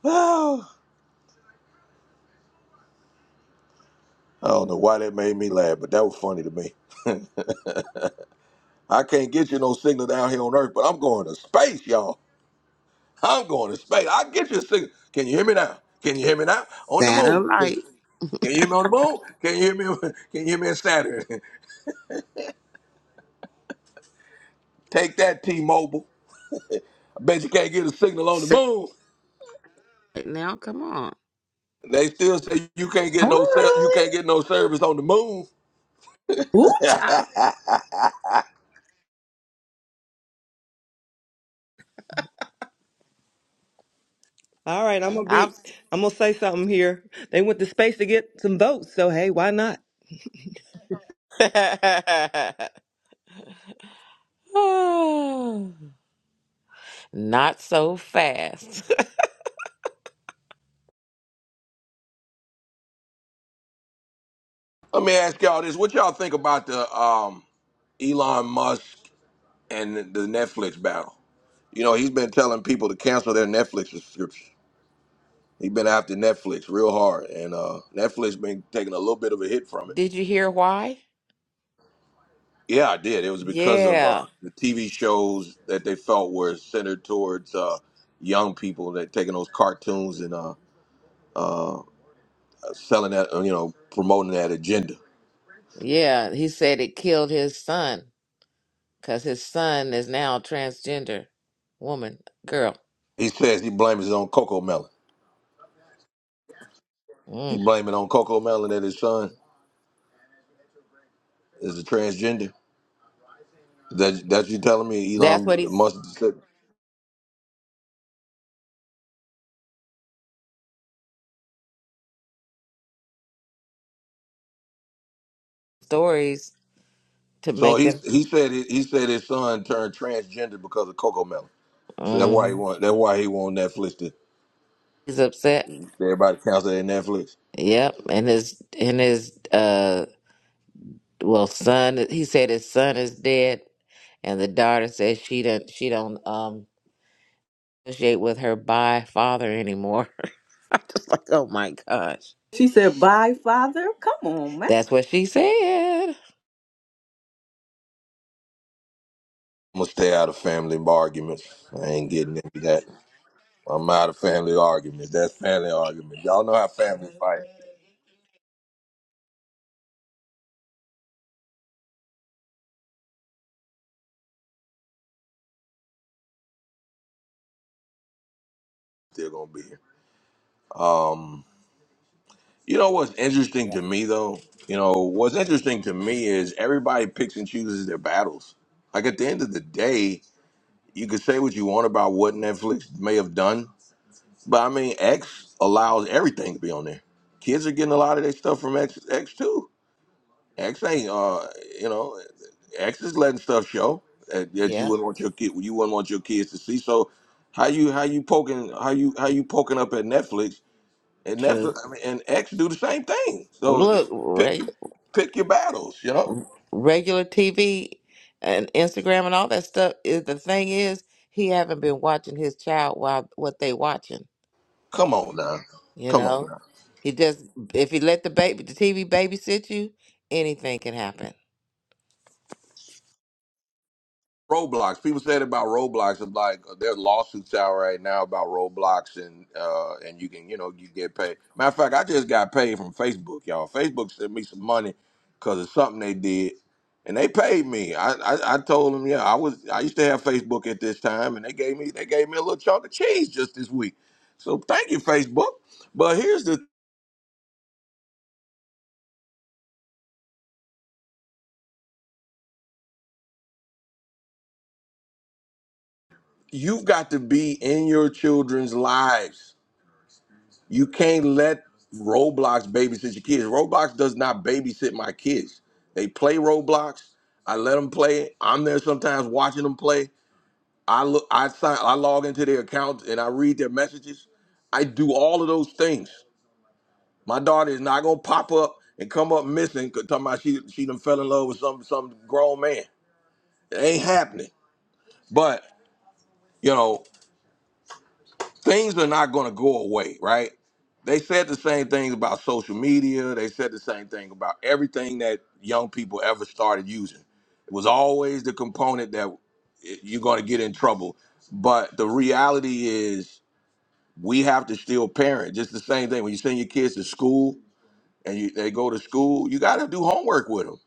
Speaker 1: <laughs> I don't know why that made me laugh, but that was funny to me. <laughs> I can't get you no signal down here on Earth, but I'm going to space, y'all. I'm going to space. I get you a signal. Can you hear me now? Can you hear me now? On the moon. Can
Speaker 10: Satellite.
Speaker 1: you hear me on the moon? Can you hear me? <laughs> Can you hear me in Saturn? <laughs> Take that, T-Mobile. I bet you can't get a signal on the
Speaker 10: Satellite.
Speaker 1: moon.
Speaker 10: Now, come on.
Speaker 1: They still say you can't get
Speaker 3: All
Speaker 1: no cell, you
Speaker 3: right.
Speaker 1: can't get no service on the moon.
Speaker 2: Ooh,
Speaker 1: <laughs>
Speaker 2: child.
Speaker 14: All right, I'm gonna
Speaker 10: I'm,
Speaker 14: be. I'm gonna say something here. They went to space to get some votes, so hey, why not?
Speaker 10: <sighs> <laughs> Not so fast. <laughs>
Speaker 1: Let me ask y'all this: What y'all think about the um, Elon Musk and the Netflix battle? You know, he's been telling people to cancel their Netflix subscription. He's been after Netflix real hard, and uh, Netflix been taking a little bit of a hit from it.
Speaker 10: Did you hear why?
Speaker 1: Yeah, I did. It was because of
Speaker 10: Yeah.
Speaker 1: uh, the TV shows that they felt were centered towards uh, young people that taking those cartoons and uh, selling that, uh, you know, promoting that agenda.
Speaker 10: Yeah. He said it killed his son because his son is now a transgender woman, girl.
Speaker 1: He says he blames it on Coco Melon. He
Speaker 10: Mm.
Speaker 1: blames it on Coco Melon that his son is a transgender. That that you telling me
Speaker 10: That's
Speaker 1: Elon
Speaker 10: what he
Speaker 1: Musk?
Speaker 10: stories to
Speaker 1: So
Speaker 10: make
Speaker 1: he
Speaker 10: them.
Speaker 1: he said it, he said his son turned transgender because of Coco Melon. So that's why
Speaker 10: hmm
Speaker 1: he want that's why he want Netflix to
Speaker 10: He's upset.
Speaker 1: everybody counts that Netflix.
Speaker 10: Yep, and his and his uh well son. He said his son is dead, and the daughter says she don't she don't um associate with her by father anymore. <laughs> I'm just like, oh my gosh,
Speaker 2: She said, bye, father. Come on, man.
Speaker 10: that's what she said.
Speaker 1: I'm gonna stay out of family arguments. I ain't getting into that. I'm out of family arguments. That's family arguments. Y'all know how families fight. Still gonna be here. You know what's interesting to me though? You know what's interesting to me is everybody picks and chooses their battles. Like at the end of the day, you could say what you want about what Netflix may have done, But I mean, X allows everything to be on there. Kids are getting a lot of their stuff from X, X too. X ain't, uh, you know, X is letting stuff show that, that you
Speaker 10: Yep,
Speaker 1: wouldn't want your kid, you wouldn't want your kids to see. So, how you how you poking how you how you poking up at Netflix and
Speaker 10: true.
Speaker 1: Netflix I mean, and X do the same thing. So
Speaker 10: Look,
Speaker 1: pick
Speaker 10: reg-
Speaker 1: your pick your battles. You know,
Speaker 10: regular TV and Instagram and all that stuff. Is the thing is he haven't been watching his child while what they watching.
Speaker 1: come on now,
Speaker 10: You
Speaker 1: come on
Speaker 10: know,
Speaker 1: now.
Speaker 10: he just if he let the baby the TV babysit you, anything can happen.
Speaker 1: Roblox. People said about Roblox, it's like there's lawsuits out right now about Roblox, and uh, and you can you know you get paid. Matter of fact, I just got paid from Facebook, y'all. Facebook sent me some money because of something they did, and they paid me. I, I I told them, yeah, I was I used to have Facebook at this time, and they gave me they gave me a little chunk of cheese just this week. So thank you, Facebook. But here's the you've got to be in your children's lives You can't let Roblox babysit your kids. Roblox does not babysit my kids. They play Roblox. I let them play. it. I'm there sometimes watching them play. I look. I sign. I log into their accounts and I read their messages. I do all of those things. My daughter is not gonna pop up and come up missing. 'cause Talking about she she done fell in love with some some grown man. It ain't happening. But you know. things are not going to go away, right? They said the same thing about social media. They said the same thing about everything that young people ever started using. It was always the component that it- you're going to get in trouble. But the reality is, we have to still parent. Just the same thing when you send your kids to school and you, they go to school, you got to do homework with them.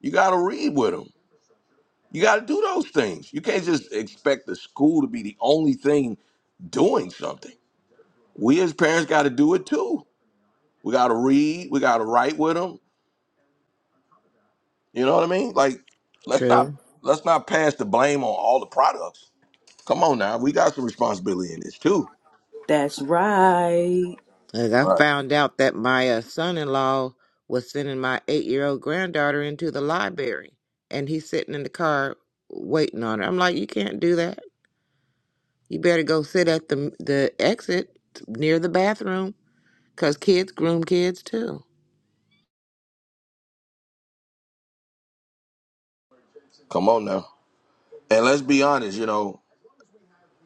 Speaker 1: You got to read with them. You got to do those things. You can't just expect the school to be the only thing doing something we as parents got to do it too. We got to read. We got to write with them. You know what I mean? Like, let's not
Speaker 10: True.
Speaker 1: let's not pass the blame on all the products. Come on now, we got some responsibility in this too.
Speaker 2: That's right.
Speaker 10: Like I
Speaker 1: All right,
Speaker 10: found out that my uh, son-in-law was sending my eight-year-old granddaughter into the library, and he's sitting in the car waiting on her. I'm like, you can't do that. You better go sit at the the exit near the bathroom, cause kids groom kids too.
Speaker 1: come on now, and let's be honest. You know,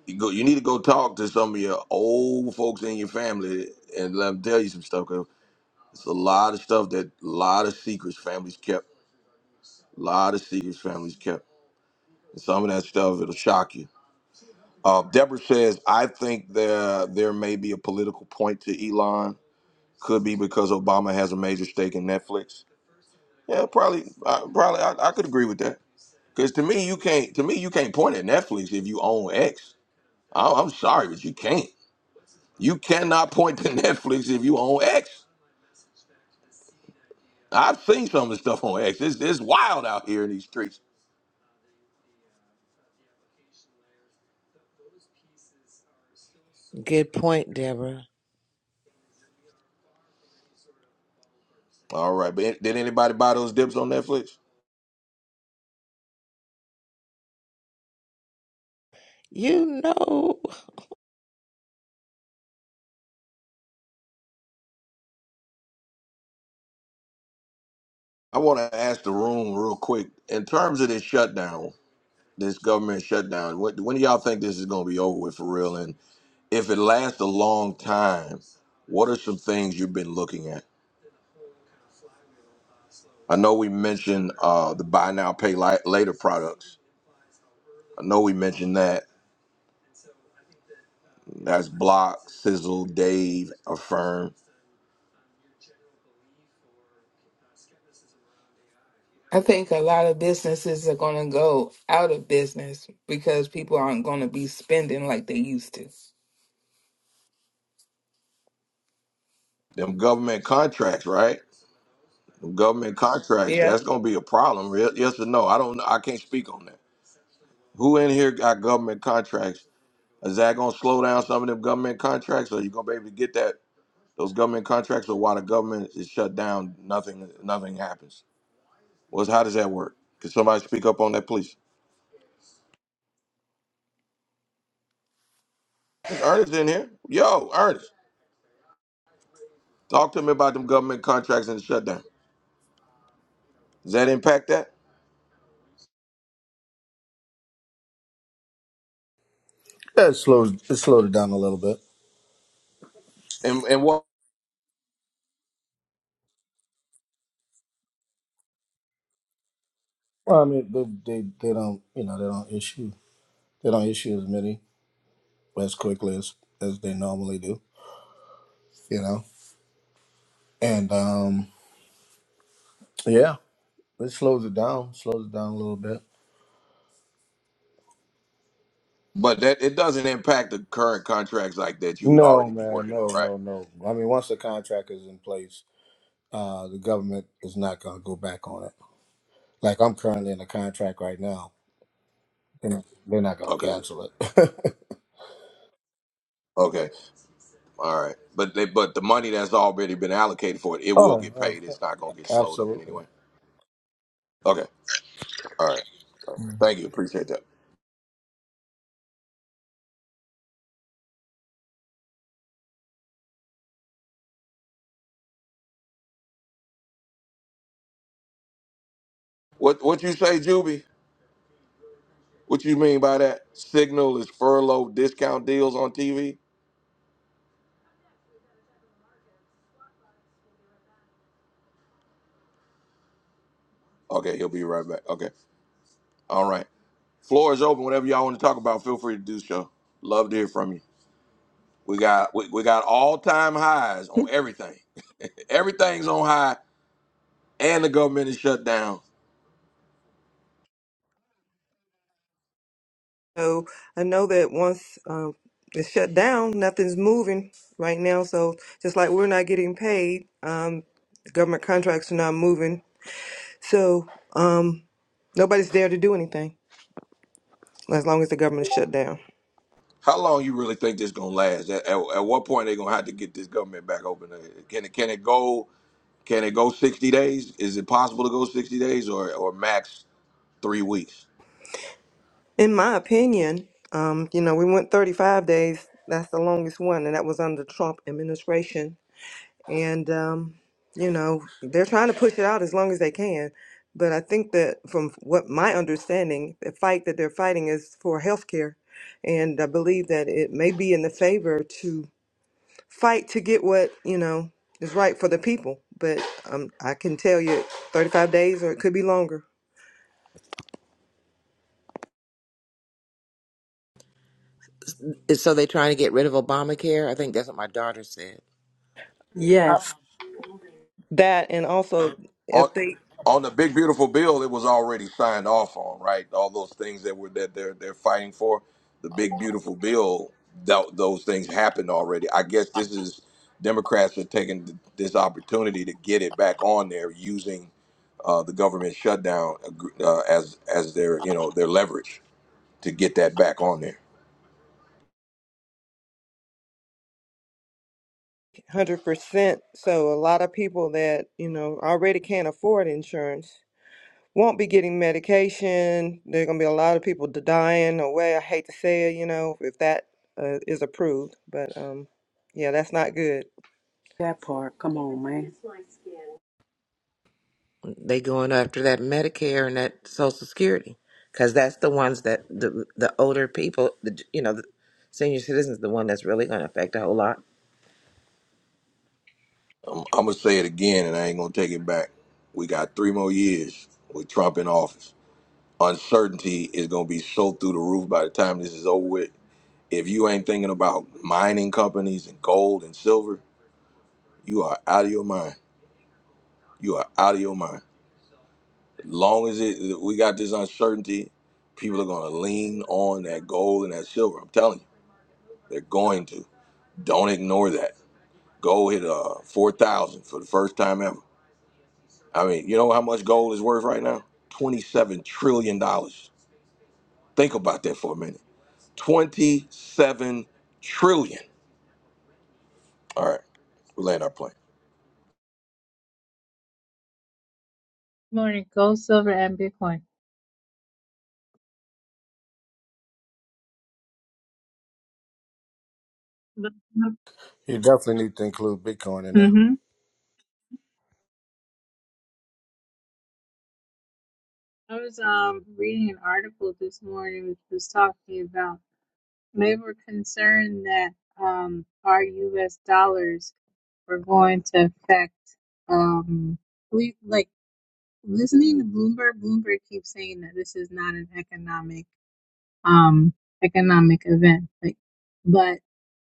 Speaker 1: you go. You need to go talk to some of your old folks in your family and let them tell you some stuff. 'cause it's a lot of stuff that a lot of secrets families kept. A lot of secrets families kept. And some of that stuff it'll shock you Uh, Deborah says, I think there there may be a political point to Elon. Could be because Obama has a major stake in Netflix. Yeah, probably. I, probably, I, I could agree with that. Because to me, you can't. To me, you can't point at Netflix if you own X. I, I'm sorry, but you can't. You cannot point to <laughs> Netflix if you own X. I've seen some of the stuff on X. It's, it's wild out here in these streets.
Speaker 10: Good point, Deborah.
Speaker 1: All right, but did anybody buy those dips on Netflix?
Speaker 10: You know,
Speaker 1: I want to ask the room real quick in terms of this shutdown. this government shutdown. What, when do y'all think this is going to be over with for real? And if it lasts a long time, what are some things you've been looking at? I know we mentioned uh, the buy now, pay li- later products. I know we mentioned that. That's Block, Sizzle, Dave, Affirm.
Speaker 12: I think a lot of businesses are going to go out of business because people aren't going to be spending like they used to.
Speaker 1: Them government contracts, right? Them government contracts. That's going to be a problem. Re- Yes or no? I don't. know. I can't speak on that. Who in here got government contracts? Is that going to slow down some of them government contracts? Are you going to be able to get that Those government contracts are while the government is shut down, nothing nothing happens. Well, how does that work? Can somebody speak up on that, please? Is Ernest in here? Yo, Ernest, talk to me about them government contracts and the shutdown. Does that impact that?
Speaker 15: Yeah, it slowed it slowed it down a little bit.
Speaker 1: And and what?
Speaker 15: Well, I mean, they, they they don't you know they don't issue they don't issue as many as quickly as as they normally do. You know, and um, yeah, it slows it down, slows it down a little bit.
Speaker 1: But that it doesn't impact the current contracts like that you would
Speaker 15: No,
Speaker 1: already be
Speaker 15: man,
Speaker 1: working
Speaker 15: no,
Speaker 1: on, right?
Speaker 15: no, no. I mean, once the contract is in place, uh, the government is not going to go back on it. Like I'm currently in a contract right now, and they're not going to
Speaker 1: Okay.
Speaker 15: cancel it.
Speaker 1: Okay. All right. But they, but the money that's already been allocated for it, it
Speaker 15: <laughs>
Speaker 1: will get
Speaker 15: oh,
Speaker 1: paid.
Speaker 15: ab-
Speaker 1: It's not gonna get slowed up in any
Speaker 15: absolutely.
Speaker 1: way. Okay. All right.
Speaker 15: You
Speaker 1: Thank you. Appreciate that. What what you say, Juby? What you mean by that? Signal is furlough discount deals on TV? Okay, he'll be right back. Okay. All right. Floor is open. Whatever y'all want to talk about, feel free to do so. Love to hear from you. We got we, we got all time highs on everything. <laughs> Everything's on high and the government is shut down.
Speaker 14: So I know that once um, it's shut down, nothing's moving right now. So just like we're not getting paid, um, the government contracts are not moving. So um, nobody's there to do anything as long as the government is shut down.
Speaker 1: How long you really think this gonna last? At, at, at what point they gonna have to get this government back open? Uh, Can it can it go can it go sixty days? Is it possible to go sixty days or, or max three weeks?
Speaker 14: In my opinion, um, you know, we went 35 days. That's the longest one, and that was under the Trump administration. and um, you know they're trying to push it out as long as they can but i think that from what my understanding the fight that they're fighting is for health care and i believe that it may be in the favor to fight to get what you know is right for the people but um, i can tell you 35 days or it could be longer
Speaker 10: so they are trying to get rid of Obamacare. I think that's what my daughter said.
Speaker 2: Yes.
Speaker 14: that and also
Speaker 1: on
Speaker 14: if they
Speaker 1: on the big beautiful bill it was already signed off on right all those things that were that they're they're fighting for the big beautiful bill tho- those things happened already i guess this is democrats are taking th- this opportunity to get it back on there using uh, the government shutdown agr- uh, as as their you know their leverage to get that back on there
Speaker 14: 100% so a lot of people that you know already can't afford insurance won't be getting medication. There are going to be a lot of people d- dying away. I hate to say it, you know, if that uh, is approved, but um, yeah, that's not good.
Speaker 2: That part. Come on, man.
Speaker 10: They going after that Medicare and that Social Security because that's the ones that the the older people, the you know, the senior citizens, the one that's really going to affect a whole lot.
Speaker 1: um, i'm gonna say it again and i ain't gonna take it back we got three more years with trump in office uncertainty is going to be so through the roof by the time this is over with. If you ain't thinking about mining companies and gold and silver, you are out of your mind. You are out of your mind. Long as it we got this uncertainty, people are going to lean on that gold and that silver. I'm telling you, they're going to. Don't ignore that. Gold hit uh four thousand for the first time ever. I mean, you know how much gold is worth right now? Twenty-seven trillion dollars. Think about that for a minute. Twenty-seven trillion. All right, we land our plane.
Speaker 16: Morning, gold, silver, and Bitcoin. hmm
Speaker 15: definitely need to include Bitcoin in there.
Speaker 16: I was um reading an article this morning which was talking about they were concerned that um our U.S. dollars were going to affect um we like listening to Bloomberg. Bloomberg keeps saying that this is not an economic. um, economic event. Like, but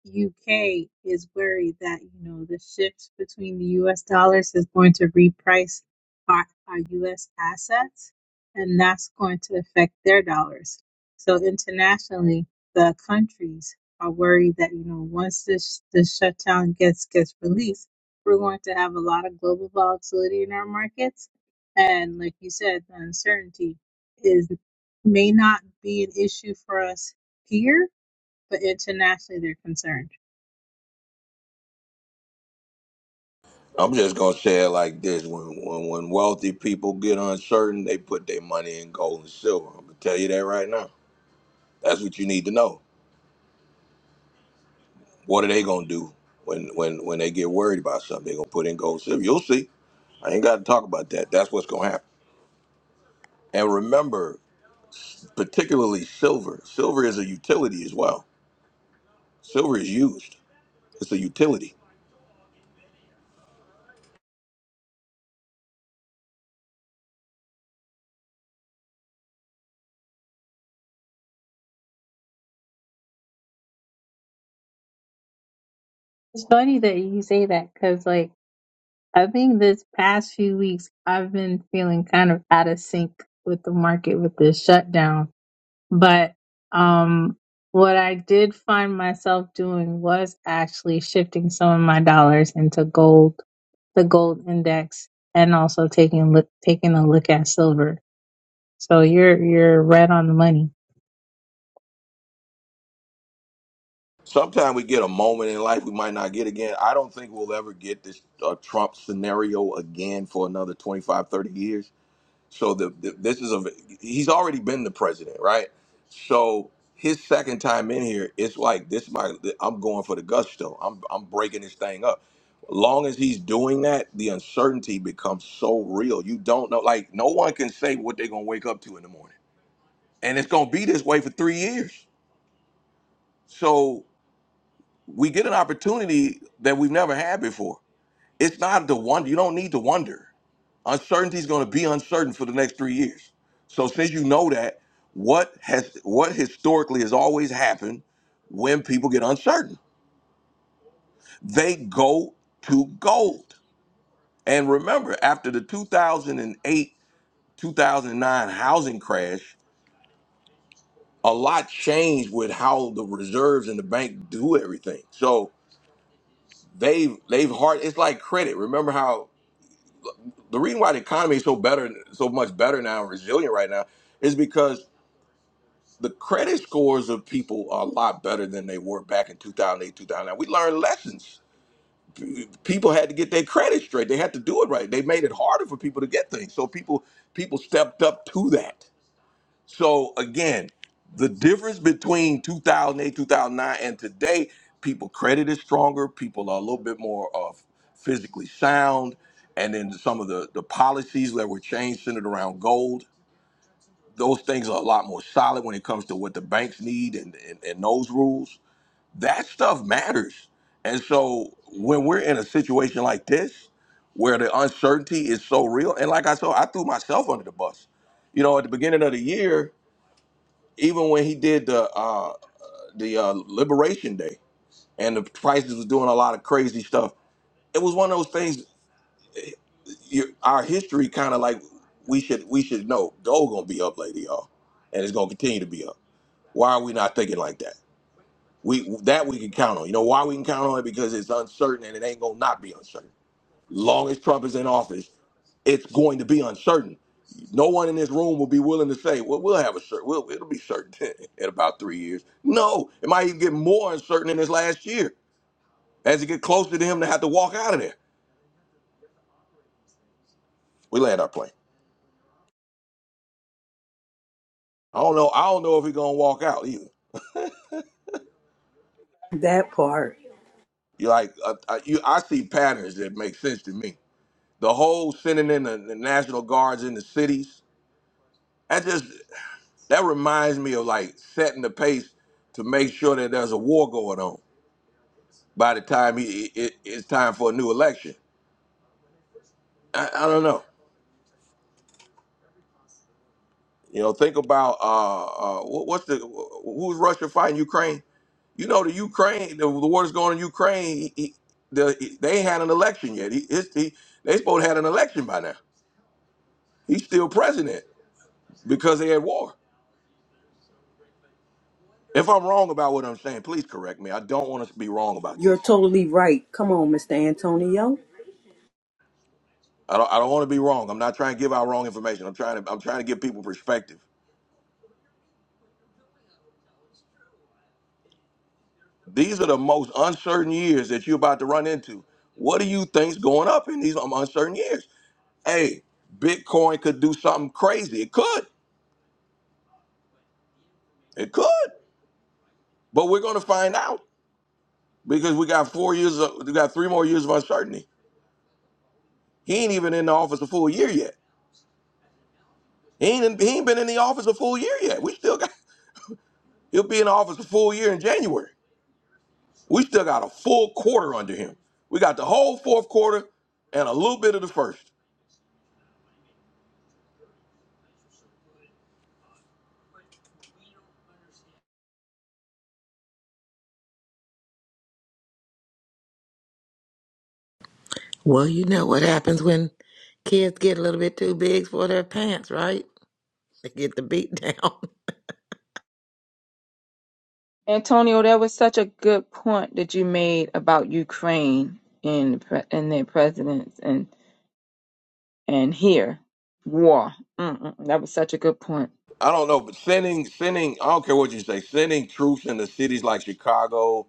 Speaker 16: UK is worried that you know the shift between the US dollars is going to reprice our, our US assets, and that's going to affect their dollars. So internationally, the countries are worried that you know once this this shutdown gets gets released, we're going to have a lot of global volatility in our markets, and like you said, the uncertainty. is may not be an issue for us here, but internationally they're concerned.
Speaker 1: I'm just gonna say it like this: when when when wealthy people get uncertain, they put their money in gold and silver. I'm gonna tell you that right now. That's what you need to know. What are they gonna do when when when they get worried about something? They're gonna put in gold and silver. You'll see. I ain't got to talk about that. That's what's gonna happen. And remember, particularly silver. Silver is a utility as well. Silver is used. It's a utility.
Speaker 16: It's funny that you say that because, like, I think this past few weeks I've been feeling kind of out of sync with the market with this shutdown. But um, what I did find myself doing was actually shifting some of my dollars into gold, the gold index, and also taking look taking a look at silver. So you're you're right on the money.
Speaker 1: Sometimes we get a moment in life we might not get again. I don't think we'll ever get this uh, Trump scenario again for another 25, 30 years. So the, the this is a he's already been the president, right? So his second time in here, it's like this. My I'm going for the gusto. I'm I'm breaking this thing up. Long as he's doing that, the uncertainty becomes so real. You don't know. Like no one can say what they're gonna wake up to in the morning, and it's gonna be this way for three years. So. we get an opportunity that we've never had before. It's not the wonder. You don't need to wonder. Uncertainty is going to be uncertain for the next three years. So since you know that, what has what historically has always happened when people get uncertain? They go to gold. And remember, after the 2008 2009 housing crash, a lot changed with how the reserves and the bank do everything. So they've they've hard. It's like credit. Remember how the reason why the economy is so better, so much better now, and resilient right now, is because the credit scores of people are a lot better than they were back in 2008, 2009. We learned lessons. P- People had to get their credit straight. They had to do it right. They made it harder for people to get things. So people people stepped up to that. So again, the difference between 2008, 2009, and today, people credit is stronger. People are a little bit more of physically sound, and then some of the the policies that were changed centered around gold. Those things are a lot more solid when it comes to what the banks need and, and, and those rules. That stuff matters. And so when we're in a situation like this, where the uncertainty is so real, and like I said, I threw myself under the bus. You know, at the beginning of the year, even when he did the uh the uh liberation day and the prices was doing a lot of crazy stuff it was one of those things you, our history kind of like we should we should know gold gonna be up later y'all and it's gonna continue to be up why are we not thinking like that we that we can count on you know why we can count on it because it's uncertain and it ain't gonna not be uncertain long as trump is in office it's going to be uncertain. No one in this room will be willing to say, "Well, we'll have a certain. We'll, it'll be certain <laughs> in about three years." No, it might even get more uncertain in this last year as it get closer to him to have to walk out of there. We land our plane. I don't know. I don't know if he's gonna walk out either.
Speaker 2: That part.
Speaker 1: You like, uh, I, you, I see patterns that make sense to me. The whole sending in the, the national guards in the cities. That just that reminds me of like setting the pace to make sure that there's a war going on by the time he, it, it's time for a new election. I, I don't know. You know, think about uh, uh, what, what's the who's Russia fighting Ukraine? You know, the Ukraine, the, the war is going on in Ukraine. He, he, the, they ain't had an election yet. He, his, he, they supposed to had an election by now. He's still president because they at war. If I'm wrong about what I'm saying, please correct me. I don't want us to be wrong about this.
Speaker 2: You're totally right. Come on, Mr. Antonio.
Speaker 1: I don't, I don't want to be wrong. I'm not trying to give out wrong information. I'm trying to I'm trying to give people perspective. These are the most uncertain years that you're about to run into. What do you think's going up in these um, uncertain years? Hey, Bitcoin could do something crazy. It could. It could. But we're going to find out because we got four years. Of, we got three more years of uncertainty. He ain't even in the office a full year yet. He ain't, in- he ain't been in the office a full year yet. We still got. <laughs> He'll be in the office a full year in January. We still got a full quarter under him. We got the whole fourth quarter and a little bit of the first.
Speaker 10: Well, you know what happens when kids get a little bit too big for their pants, right? They get the beat down. <laughs>
Speaker 4: Antonio, that was such a good point that you made about Ukraine and the pre- and their presidents and and here war. Mm-mm, that was such a good point.
Speaker 1: I don't know, but sending sending I don't care what you say, sending troops into cities like Chicago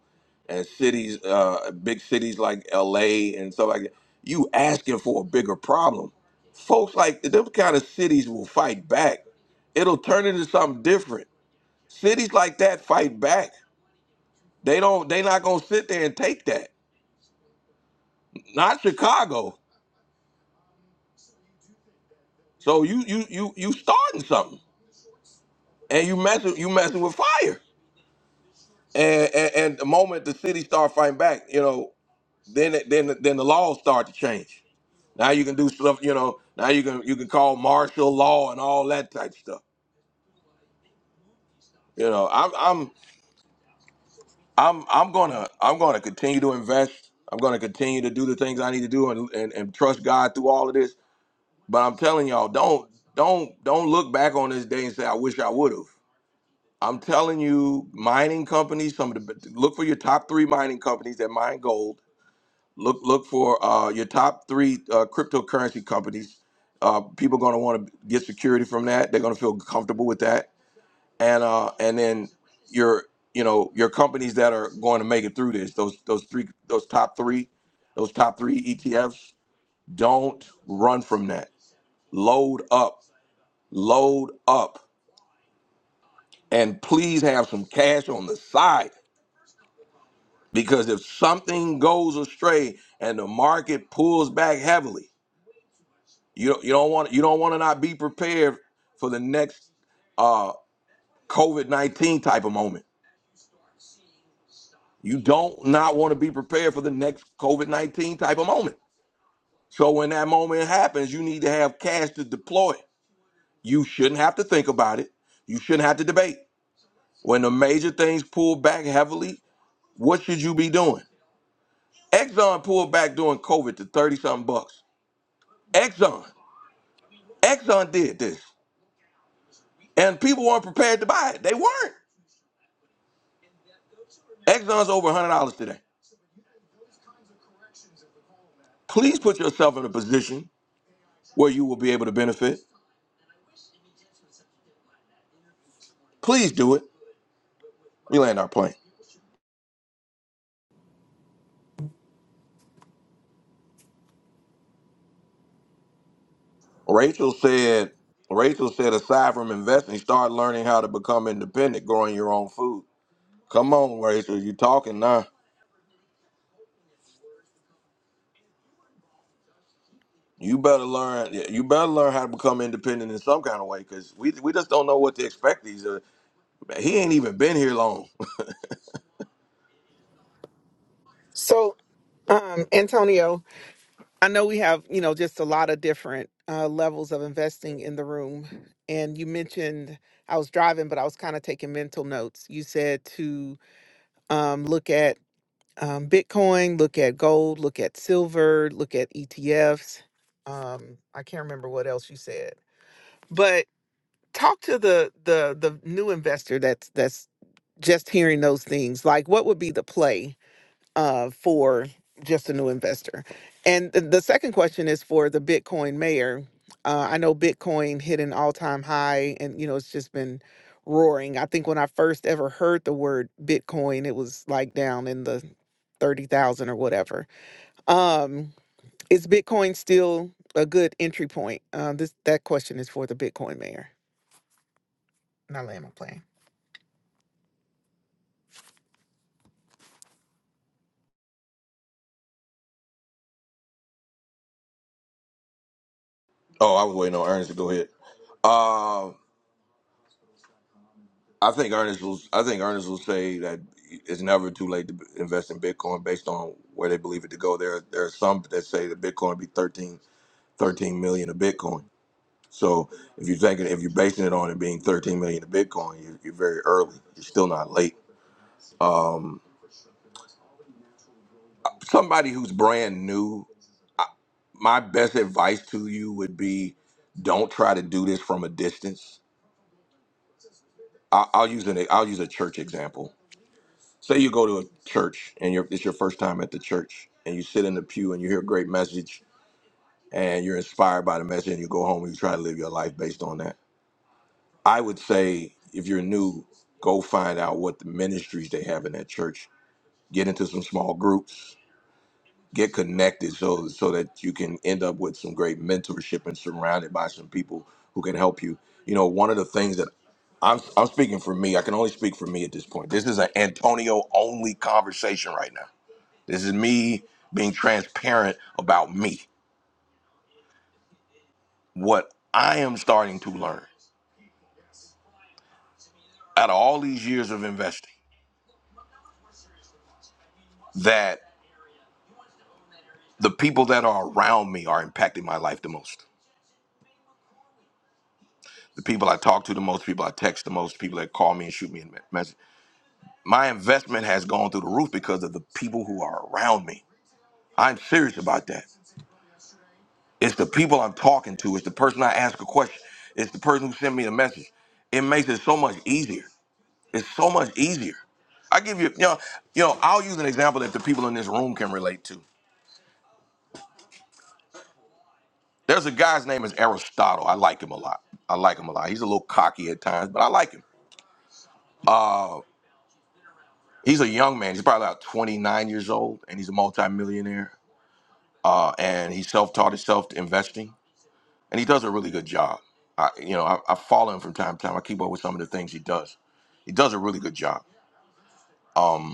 Speaker 1: and cities uh big cities like LA and stuff like that, you asking for a bigger problem. Folks like them kind of cities will fight back. It'll turn into something different. Cities like that fight back. They don't they not gonna sit there and take that. Not Chicago. So you you you you starting something and you messing you messing with fire. And, and and the moment the city start fighting back, you know, then it- then then the laws start to change. Now you can do stuff, you know. Now you can you can call martial law and all that type of stuff. You know, I'm I'm I'm I'm gonna I'm gonna continue to invest. I'm gonna continue to do the things I need to do and and, and trust God through all of this. But I'm telling y'all, don't don't don't look back on this day and say I wish I would have. I'm telling you, mining companies, some of the look for your top three mining companies that mine gold Look look for uh, your top three uh, cryptocurrency companies. Uh, people are going to want to get security from that. They're going to feel comfortable with that, and uh, and then your you know your companies that are going to make it through this. Those those three those top three those top three ETFs. Don't run from that. Load up, load up, and please have some cash on the side because if something goes astray and the market pulls back heavily You don't, you don't want you don't want to not be prepared for the next uh, COVID nineteen type of moment. You don't not want to be prepared for the next COVID nineteen type of moment. So when that moment happens, you need to have cash to deploy. You shouldn't have to think about it. You shouldn't have to debate. When the major things pull back heavily, what should you be doing? Exxon pulled back during COVID to thirty something bucks. Exxon, Exxon did this, and people weren't prepared to buy it. They weren't. Exxon's over one hundred dollars today. Please put yourself in a position where you will be able to benefit. Please do it. We land our plane. Rachel said, Rachel said, aside from investing, start learning how to become independent, growing your own food. Come on, Rachel, you talking now. You better learn. yeah, You better learn how to become independent in some kind of way, because we, we just don't know what to expect. These are, he ain't even been here long. <laughs>
Speaker 17: So, um, Antonio, I know we have, you know, just a lot of different uh, levels of investing in the room. And you mentioned I was driving, but I was kind of taking mental notes. You said to um, look at um, Bitcoin, look at gold, look at silver, look at ETFs. Um, I can't remember what else you said, but talk to the the the new investor that's that's just hearing those things. Like, what would be the play? uh, for just a new investor. And th- the second question is for the Bitcoin mayor. Uh, I know Bitcoin hit an all time high and, you know, it's just been roaring. I think when I first ever heard the word Bitcoin, it was like down in the 30,000 or whatever. Um, is Bitcoin still a good entry point? Uh, this That question is for the Bitcoin mayor. And I land my plane.
Speaker 1: oh, I was waiting on Ernest to go ahead. Uh, I think Ernest will. I think Ernest will say that it's never too late to b- invest in Bitcoin based on where they believe it to go. There, there are some that say that Bitcoin be thirteen, thirteen million of Bitcoin. So if you're thinking, if you're basing it on it being 13 million of Bitcoin, you're, you're very early. You're still not late. Um, somebody who's brand new, I, my best advice to you would be, don't try to do this from a distance. I, I'll use an. I'll use a church example Say you go to a church and you're, it's your first time at the church and you sit in the pew and you hear a great message and you're inspired by the message and you go home and you try to live your life based on that. I would say if you're new, go find out what the ministries they have in that church. Get into some small groups. Get connected so so that you can end up with some great mentorship and surrounded by some people who can help you. You know, one of the things that I'm I'm speaking for me. I can only speak for me at this point. This is an Antonio only conversation right now this is me being transparent about me, what I am starting to learn out of all these years of investing, that the people that are around me are impacting my life the most. The people I talk to the most, people I text the most, people that call me and shoot me a me- message. My investment has gone through the roof because of the people who are around me. I'm serious about that. It's the people I'm talking to, it's the person I ask a question, it's the person who sent me a message. It makes it so much easier It's so much easier. I give you, you know, you know, I'll use an example that the people in this room can relate to. There's a guy's name is Aristotle. I like him a lot. I like him a lot. He's a little cocky at times, but I like him. Uh, he's a young man. He's probably about 29 years old, and he's a multimillionaire. Uh, and he self-taught himself to investing, and he does a really good job. I, you know, I, I follow him from time to time. I keep up with some of the things he does. He does a really good job. Um,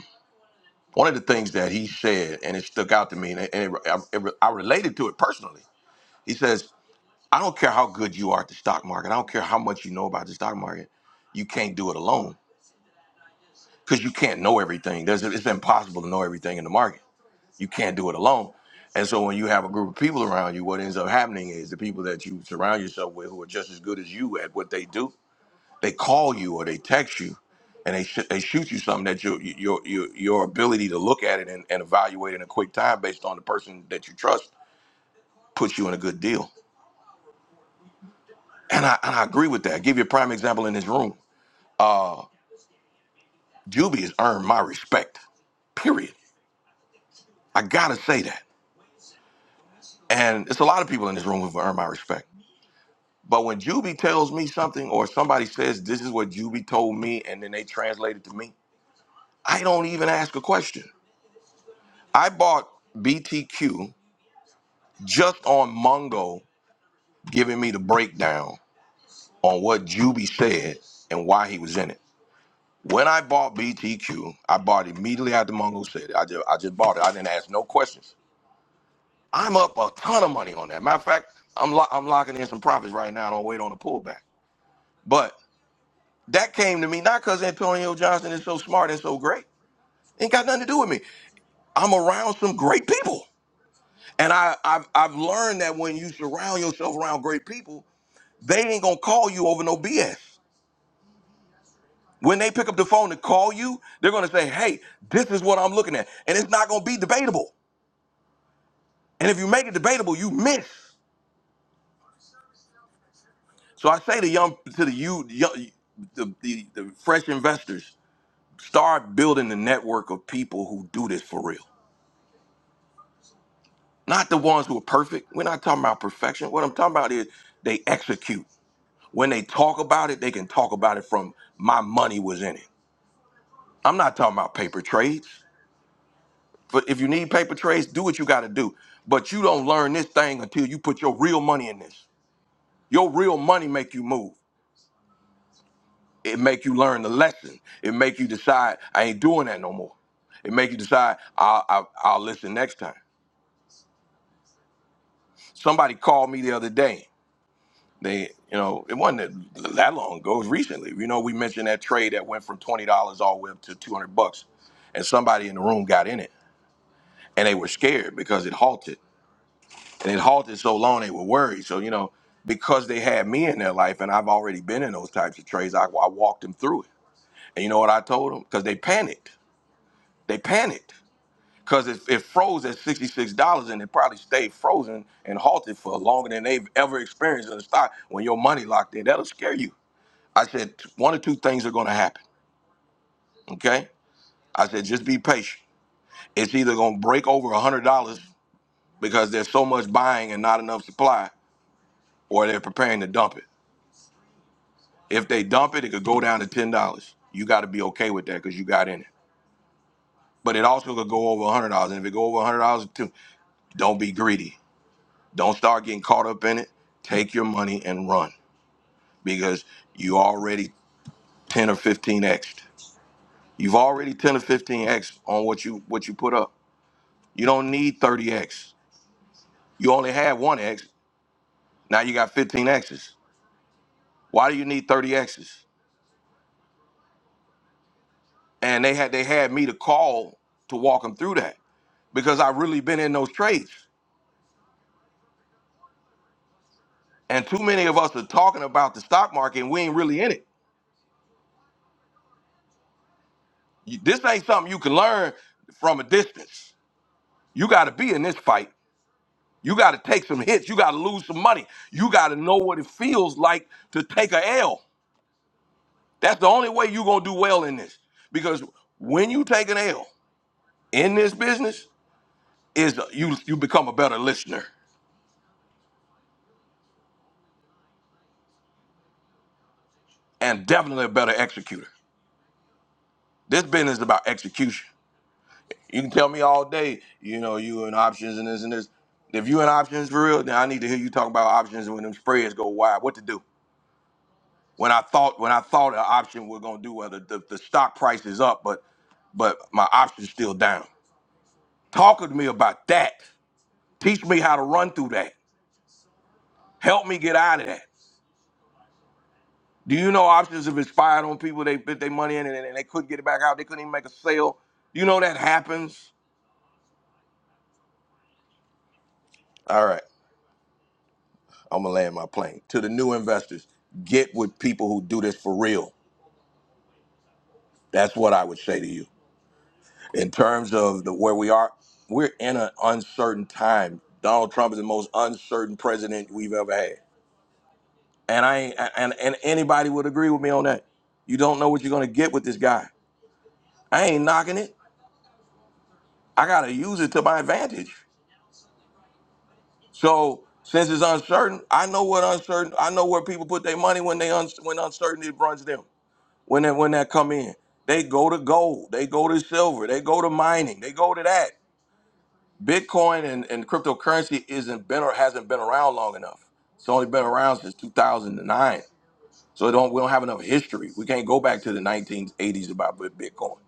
Speaker 1: One of the things that he said, and it stuck out to me, and, it, and it, I, it, I related to it personally. He says, "I don't care how good you are at the stock market. I don't care how much you know about the stock market. You can't do it alone because you can't know everything. There's, it's impossible to know everything in the market. You can't do it alone." And so when you have a group of people around you, what ends up happening is the people that you surround yourself with who are just as good as you at what they do they call you or they text you, and they sh- they shoot you something that your your your your ability to look at it and, and evaluate in a quick time based on the person that you trust puts you in a good deal. And I and I agree with that. i give you a prime example in this room. Uh, Juby has earned my respect. Period. I gotta say that. And it's a lot of people in this room who've earned my respect. But when Juby tells me something or somebody says this is what Juby told me and then they translate it to me, I don't even ask a question. I bought BTQ just on Mongo giving me the breakdown on what Juby said and why he was in it. When I bought BTQ, I bought it immediately after Mongo said it. I just, I just bought it. I didn't ask no questions. I'm up a ton of money on that. Matter of fact, I'm, lo- I'm locking in some profits right now. I don't wait on the pullback. But that came to me not because Antonio Johnson is so smart and so great. Ain't got nothing to do with me. I'm around some great people. And I, I've, I've learned that when you surround yourself around great people, they ain't gonna call you over no BS. When they pick up the phone to call you, they're going to say, hey, this is what I'm looking at. And it's not going to be debatable. And if you make it debatable, you miss. So I say to young, to the you, young, the, the, the fresh investors, start building the network of people who do this for real. Not the ones who are perfect. We're not talking about perfection. What I'm talking about is they execute. When they talk about it, they can talk about it from my money was in it. I'm not talking about paper trades. But if you need paper trades, do what you got to do. But you don't learn this thing until you put your real money in this. Your real money make you move. It make you learn the lesson. It make you decide I ain't doing that no more. It make you decide I'll, I'll, I'll listen next time. Somebody called me the other day. They, you know, it wasn't that that long ago. It was recently. You know, we mentioned that trade that went from twenty dollars all the way up to two hundred bucks, and somebody in the room got in it, and they were scared because it halted. and it halted so long they were worried. So you know, because they had me in their life, and I've already been in those types of trades, I, I walked them through it. And you know what I told them? Because they panicked. They panicked because it, it froze at sixty six dollars, and it probably stayed frozen and halted for longer than they've ever experienced in a stock. When your money locked in, that'll scare you. I said one or two things are going to happen. Okay, I said just be patient. It's either going to break over one hundred dollars because there's so much buying and not enough supply, or they're preparing to dump it If they dump it, it could go down to ten dollars. You got to be okay with that because you got in it. But it also could go over one hundred dollars, and if it go over one hundred dollars too, don't be greedy. Don't start getting caught up in it. Take your money and run because you already ten or fifteen x. You've already ten or fifteen x on what you what you put up. You don't need thirty x. You only had one x. Now you got fifteen x's. Why do you need thirty x's? And they had they had me to call to walk them through that because I've really been in those trades. And too many of us are talking about the stock market and we ain't really in it. You- This ain't something you can learn from a distance. You got to be in this fight. You got to take some hits. You got to lose some money. You got to know what it feels like to take a L. That's the only way you're going to do well in this. Because when you take an L in this business, is you you become a better listener and definitely a better executor. This business is about execution. You can tell me all day, you know, you in options and this and this. If you in options for real, then I need to hear you talk about options when them spreads go wide. What to do? When I thought when I thought an option we're gonna do, whether the, the stock price is up, but but my option's still down. Talk with me about that. Teach me how to run through that. Help me get out of that. Do you know options have expired on people they put their money in and, and they couldn't get it back out? They couldn't even make a sale. You know that happens. All right. I'm gonna land my plane. To the new investors, get with people who do this for real. That's what I would say to you. In terms of the where we are, we're in an uncertain time. Donald Trump is the most uncertain president we've ever had. And I ain't, and and anybody would agree with me on that. You don't know what you're gonna get with this guy. I ain't knocking it. I gotta use it to my advantage. So since it's uncertain, I know what uncertain. I know where people put their money when they un, when uncertainty runs them. when that when that come in. They go to gold, they go to silver, they go to mining, they go to that. Bitcoin and, and cryptocurrency isn't been or hasn't been around long enough. It's only been around since 2009. So it don't we don't have enough history. We can't go back to the 1980s about Bit- Bitcoin.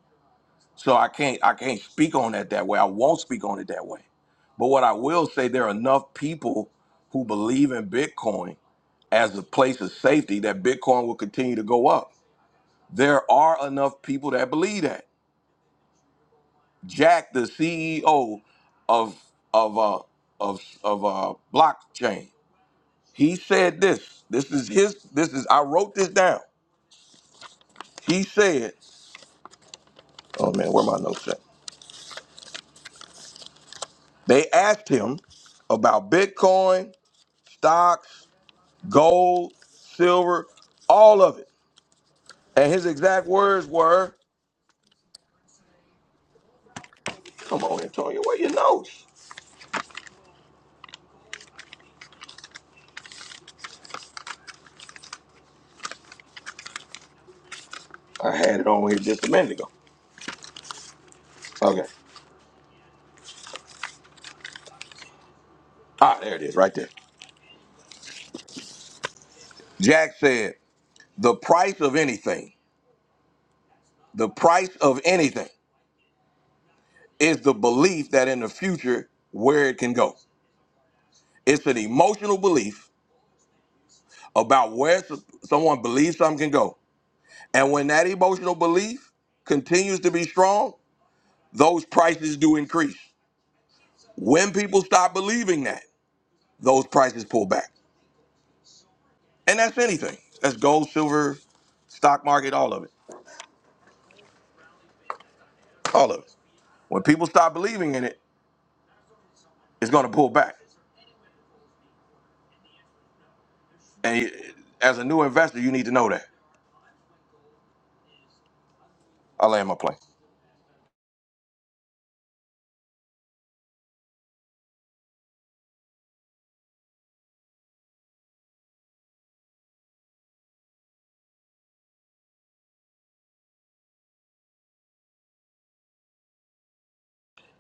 Speaker 1: So I can't I can't speak on that that way. I won't speak on it that way. But what I will say, there are enough people who believe in Bitcoin as a place of safety that Bitcoin will continue to go up there are enough people that believe that. Jack, the CEO of of uh, of of uh, blockchain, he said this. This is his. This is I wrote this down. He said, "Oh man, where my notes at?" They asked him about Bitcoin, stocks, gold, silver, all of it, and his exact words were, "Come on, Antonio, where your notes?" I had it on here just a minute ago. Okay. Ah, there it is, right there. Jack said. The price of anything, the price of anything is the belief that in the future where it can go. It's an emotional belief about where s- someone believes something can go. And when that emotional belief continues to be strong, those prices do increase. When people stop believing that, those prices pull back. And that's anything. That's gold, silver, stock market, all of it. All of it. When people stop believing in it, it's going to pull back. And you- as a new investor, you need to know that. I land my plane.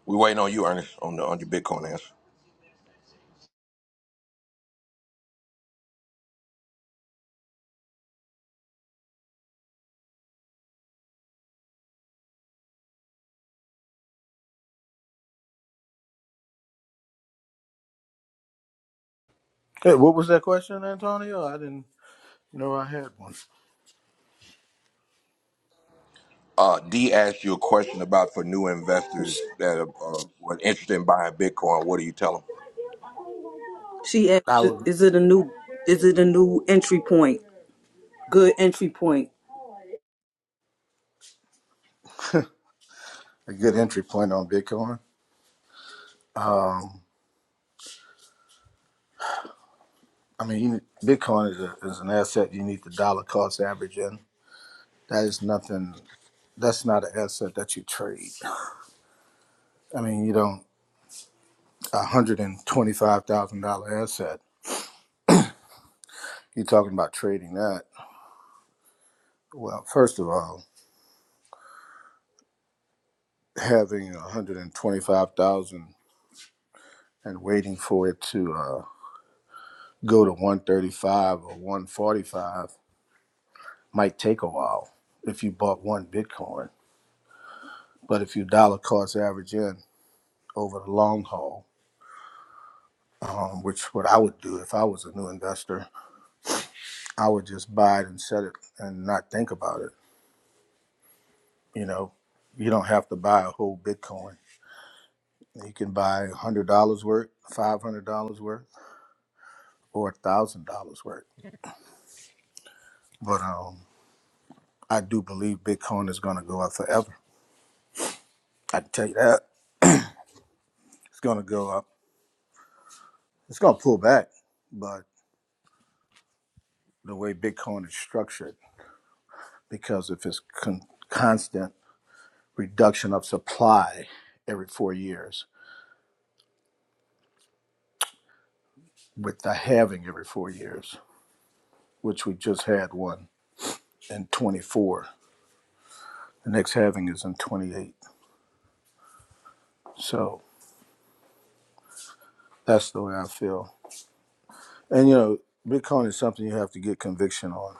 Speaker 1: We waiting on you, Ernest, on the on your Bitcoin answer.
Speaker 15: Hey, what was that question, Antonio? I didn't know I had one.
Speaker 1: Uh, D asked you a question about for new investors that are, are were interested in buying Bitcoin. What do you tell them?
Speaker 2: She asked,
Speaker 15: I was
Speaker 2: "Is it a new? Is it a new entry point? Good entry point."
Speaker 15: a good entry point on Bitcoin. Um, I mean, you, Bitcoin is, a, is an asset you need the dollar cost average in. That is nothing. That's not an asset that you trade. I mean, you don't a hundred and twenty-five thousand dollar asset. You're talking about trading that. Well, first of all, having a hundred and twenty-five thousand and waiting for it to uh, go to one thirty-five or one forty-five might take a while if you bought one Bitcoin. But if you dollar cost average in over the long haul, um, which what I would do if I was a new investor, I would just buy it and set it and not think about it. You know, you don't have to buy a whole Bitcoin. You can buy one hundred dollars worth, five hundred dollars worth, or one thousand dollars worth. But um, I do believe Bitcoin is going to go up forever. I can tell you that it's going to go up. It's going to pull back, but the way Bitcoin is structured. because of its con- constant reduction of supply every four years, with the halving every four years, which we just had one in 24. The next halving is in 28. So that's the way I feel. And you know, Bitcoin is something you have to get conviction on.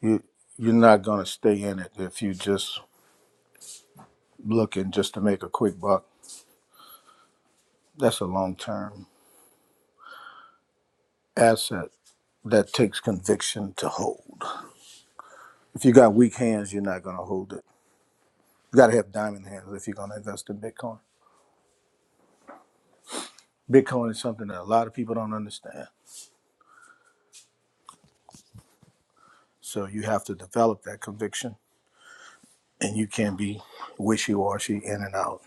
Speaker 15: You you're not going to stay in it if you just looking just to make a quick buck. That's a long term asset that takes conviction to hold. If you got weak hands, you're not going to hold it You got to have diamond hands if you're going to invest in Bitcoin. Bitcoin is something that a lot of people don't understand. So you have to develop that conviction and you can't be wishy washy in and out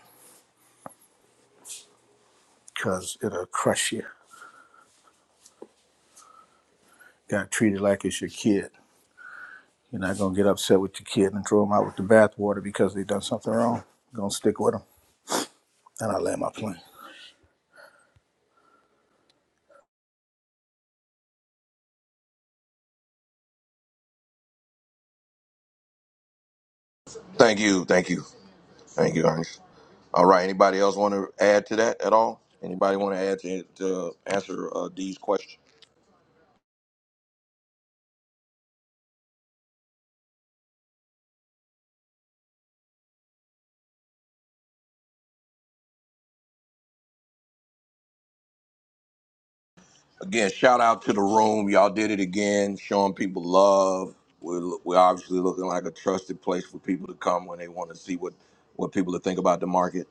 Speaker 15: because it'll crush you. You got to treat it like it's your kid. You're not going to get upset with your kid and throw them out with the bathwater because they done something wrong. You're going to stick with them. And I land my plane.
Speaker 1: Thank you, thank you, thank you, Ernest. All right. Anybody else want to add to that at all? Anybody want to add to, to answer uh, D's question? Again, shout out to the room. Y'all did it again, showing people love. We're, we're obviously looking like a trusted place for people to come when they want to see what, what people are thinking about the market.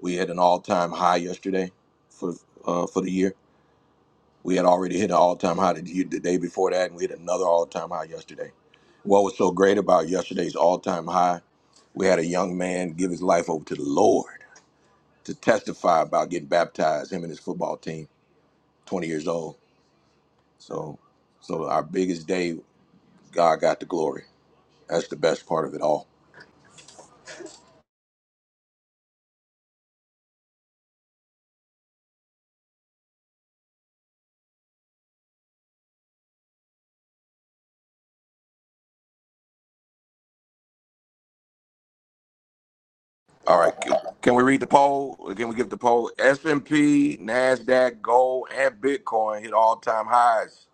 Speaker 1: We had an all time high yesterday for uh, for the year. We had already hit an all time high the, year, the day before that, and we hit another all time high yesterday. What was so great about yesterday's all time high? We had a young man give his life over to the Lord to testify about getting baptized, him and his football team, 20 years old so, so our biggest day, God got the glory. That's the best part of it all. All right, can, can we read the poll? Can we give the poll? S and P, Nasdaq, gold, and Bitcoin hit all time highs.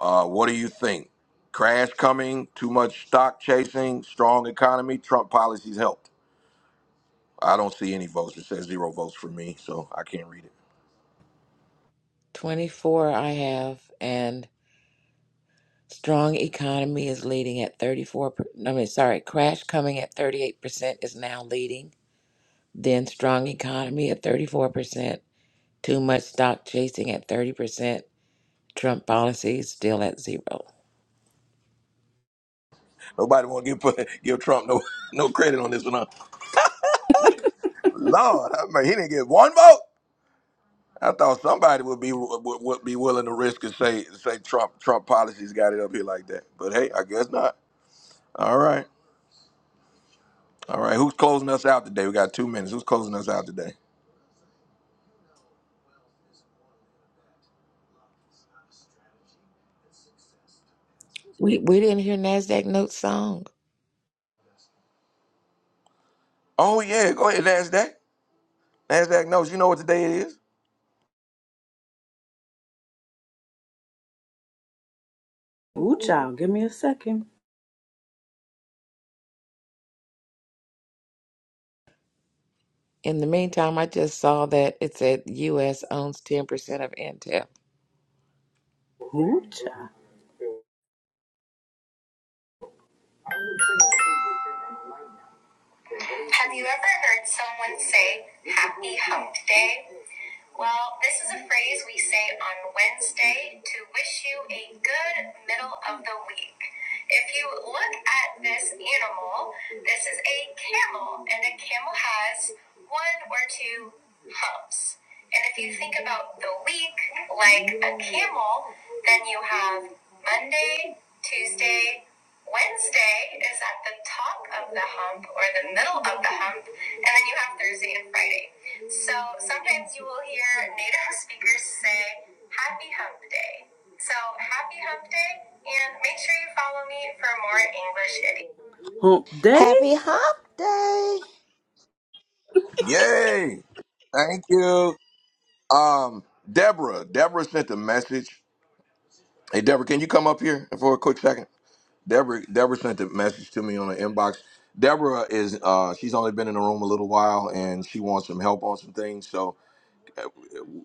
Speaker 1: Uh, what do you think? Crash coming? Too much stock chasing? Strong economy? Trump policies helped? I don't see any votes. It says zero votes for me, so I can't read it.
Speaker 10: Twenty four, I have, and strong economy is leading at thirty four. I mean, sorry, crash coming at thirty eight percent is now leading. Then strong economy at thirty four percent. Too much stock chasing at 30%. Trump policy still at zero.
Speaker 1: Nobody want to give <laughs> give Trump no no credit on this one. huh? Lord, I mean, he didn't get one vote. I thought somebody would be would, would be willing to risk and say say Trump Trump policies got it up here like that. But hey, I guess not. All right, all right. Who's closing us out today? We got two minutes. Who's closing us out today?
Speaker 10: We, we didn't hear NASDAQ Notes song.
Speaker 1: Oh yeah, go ahead, Nasdaq. Nasdaq knows. You know what today it is?
Speaker 2: Ooh, child. Give me a second.
Speaker 10: In the meantime, I just saw that it said U.S. owns 10% of Intel.
Speaker 2: Ooh, child. Have you ever heard someone say happy hump day? Well, this is a phrase we say on Wednesday to wish you a good middle of the week. If you look at this animal, this is a camel, and a camel has one or two humps. And if you think about the week like a camel, then you have Monday, Tuesday, Wednesday is at the top of the hump or the middle of the hump, and then you have Thursday and Friday. So sometimes you will hear native speakers say, Happy Hump Day. So happy Hump Day, and make sure you follow me for more English idioms. Hump
Speaker 3: Happy Hop Day!
Speaker 1: Yay! Thank you. Um, Deborah. Deborah sent a message. Hey, Deborah, can you come up here for a quick second? Deborah. Deborah sent a message to me on the inbox. Deborah is uh, she's only been in the room a little while, and she wants some help on some things. So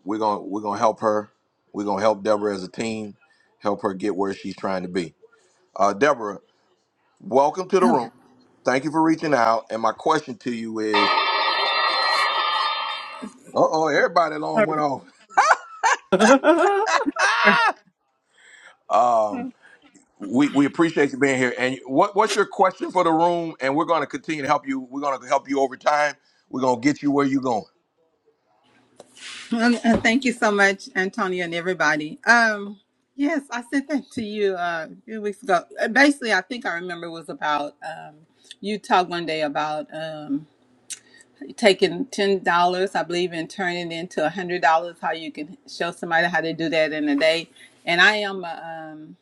Speaker 1: We're gonna we're gonna help her. We're gonna help Deborah as a team, help her get where she's trying to be. Uh, Deborah, welcome to the
Speaker 18: Hello.
Speaker 1: room. Thank you for reaching out. And my question to you is, uh oh, everybody
Speaker 18: all
Speaker 1: alarm went off.
Speaker 2: Day? <laughs>
Speaker 18: right.
Speaker 1: Um,
Speaker 18: Um,
Speaker 1: we, we appreciate you being here. And what, what's your question for the room? And we're gonna continue to help you. We're gonna help you over time. We're gonna get you where you're going.
Speaker 18: uh, Thank you so much, Antonia, and everybody. Um, yes, I sent that to you uh, a few weeks ago. Uh, Basically, I think I remember it was about um, you talked one day about um, taking ten dollars, I believe, and turning it into a hundred dollars. How you can show somebody how to do that in a day. And I am a um,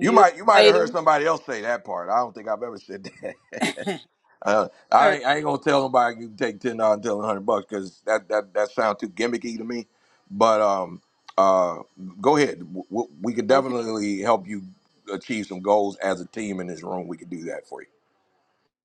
Speaker 1: You might you might have heard
Speaker 18: trader,
Speaker 1: somebody else say that part. I don't think I've ever said <laughs> that. Uh, I,
Speaker 18: sir.
Speaker 1: ain't- I ain't gonna tell nobody you can take ten dollars and tell them hundred bucks because that that that sounds too gimmicky to me. But um, uh, go ahead. W- w- We could
Speaker 18: okay?
Speaker 1: definitely help you achieve some goals as a team in this room. We could do that for you.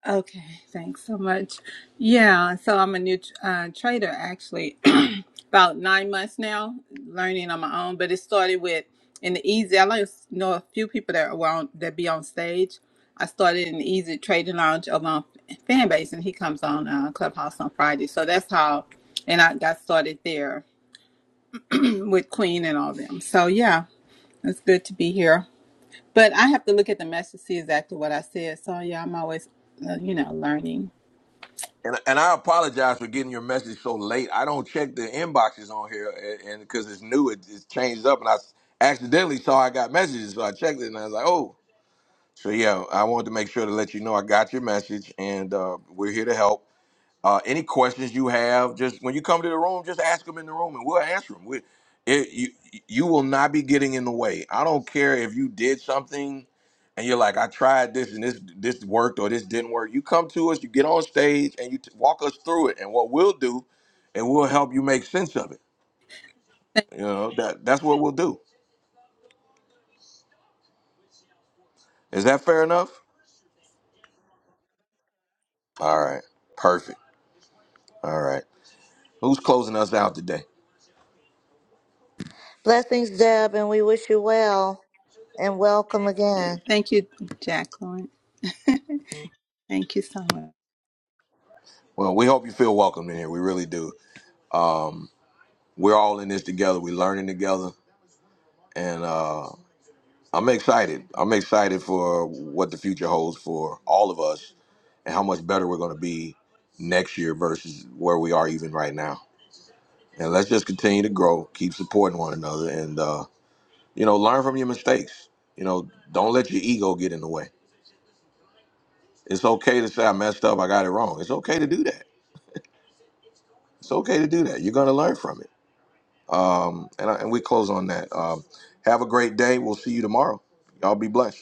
Speaker 18: Okay, thanks so much. Yeah, so I'm a new uh, trader actually, <clears throat> about nine months now, learning on my own. But it started with in the easy. I like know a few people that were on, that be on stage. I started in the easy trading lounge over on fan base, and he comes on uh, Clubhouse on Friday. So that's how, and I got started there <clears throat> with Queen and all them. So yeah, it's good to be here. But I have to look at the message to see exactly what I said. So yeah, I'm always, uh, you know, learning.
Speaker 1: And and I apologize for getting your message so late. I don't check the inboxes on here, and and because it's new, it, it changes up, and I s- accidentally saw I got messages, so I checked it, and I was like, oh. So yeah, I wanted to make sure to let you know I got your message, and uh, we're here to help Uh, any questions you have, just when you come to the room, just ask them in the room, and we'll answer them. We, it, you you will not be getting in the way. I don't care if you did something, and you're like, I tried this and this this worked or this didn't work. You come to us, you get on stage, and you t- walk us through it. And what we'll do, and we'll help you make sense of it. You know that that's what we'll do. Is that fair enough? All right, perfect. All right, who's closing us out today?
Speaker 3: Blessings, Deb, and we wish you well and welcome again.
Speaker 18: Thank you, Jacqueline. Thank you so much.
Speaker 1: Well, we hope you feel welcome in here. We really do. We're all in this together. We're learning together. and uh, I'm excited. I'm excited for what the future holds for all of us, and how much better we're going to be next year versus where we are even right now. And let's just continue to grow, keep supporting one another, and uh, you know, learn from your mistakes. You know, don't let your ego get in the way. It's okay to say I messed up, I got it wrong. It's okay to do that. It's okay to do that. You're going to learn from it. Um, and, I, and we close on that. Um, have a great day. We'll see you tomorrow. Y'all be blessed.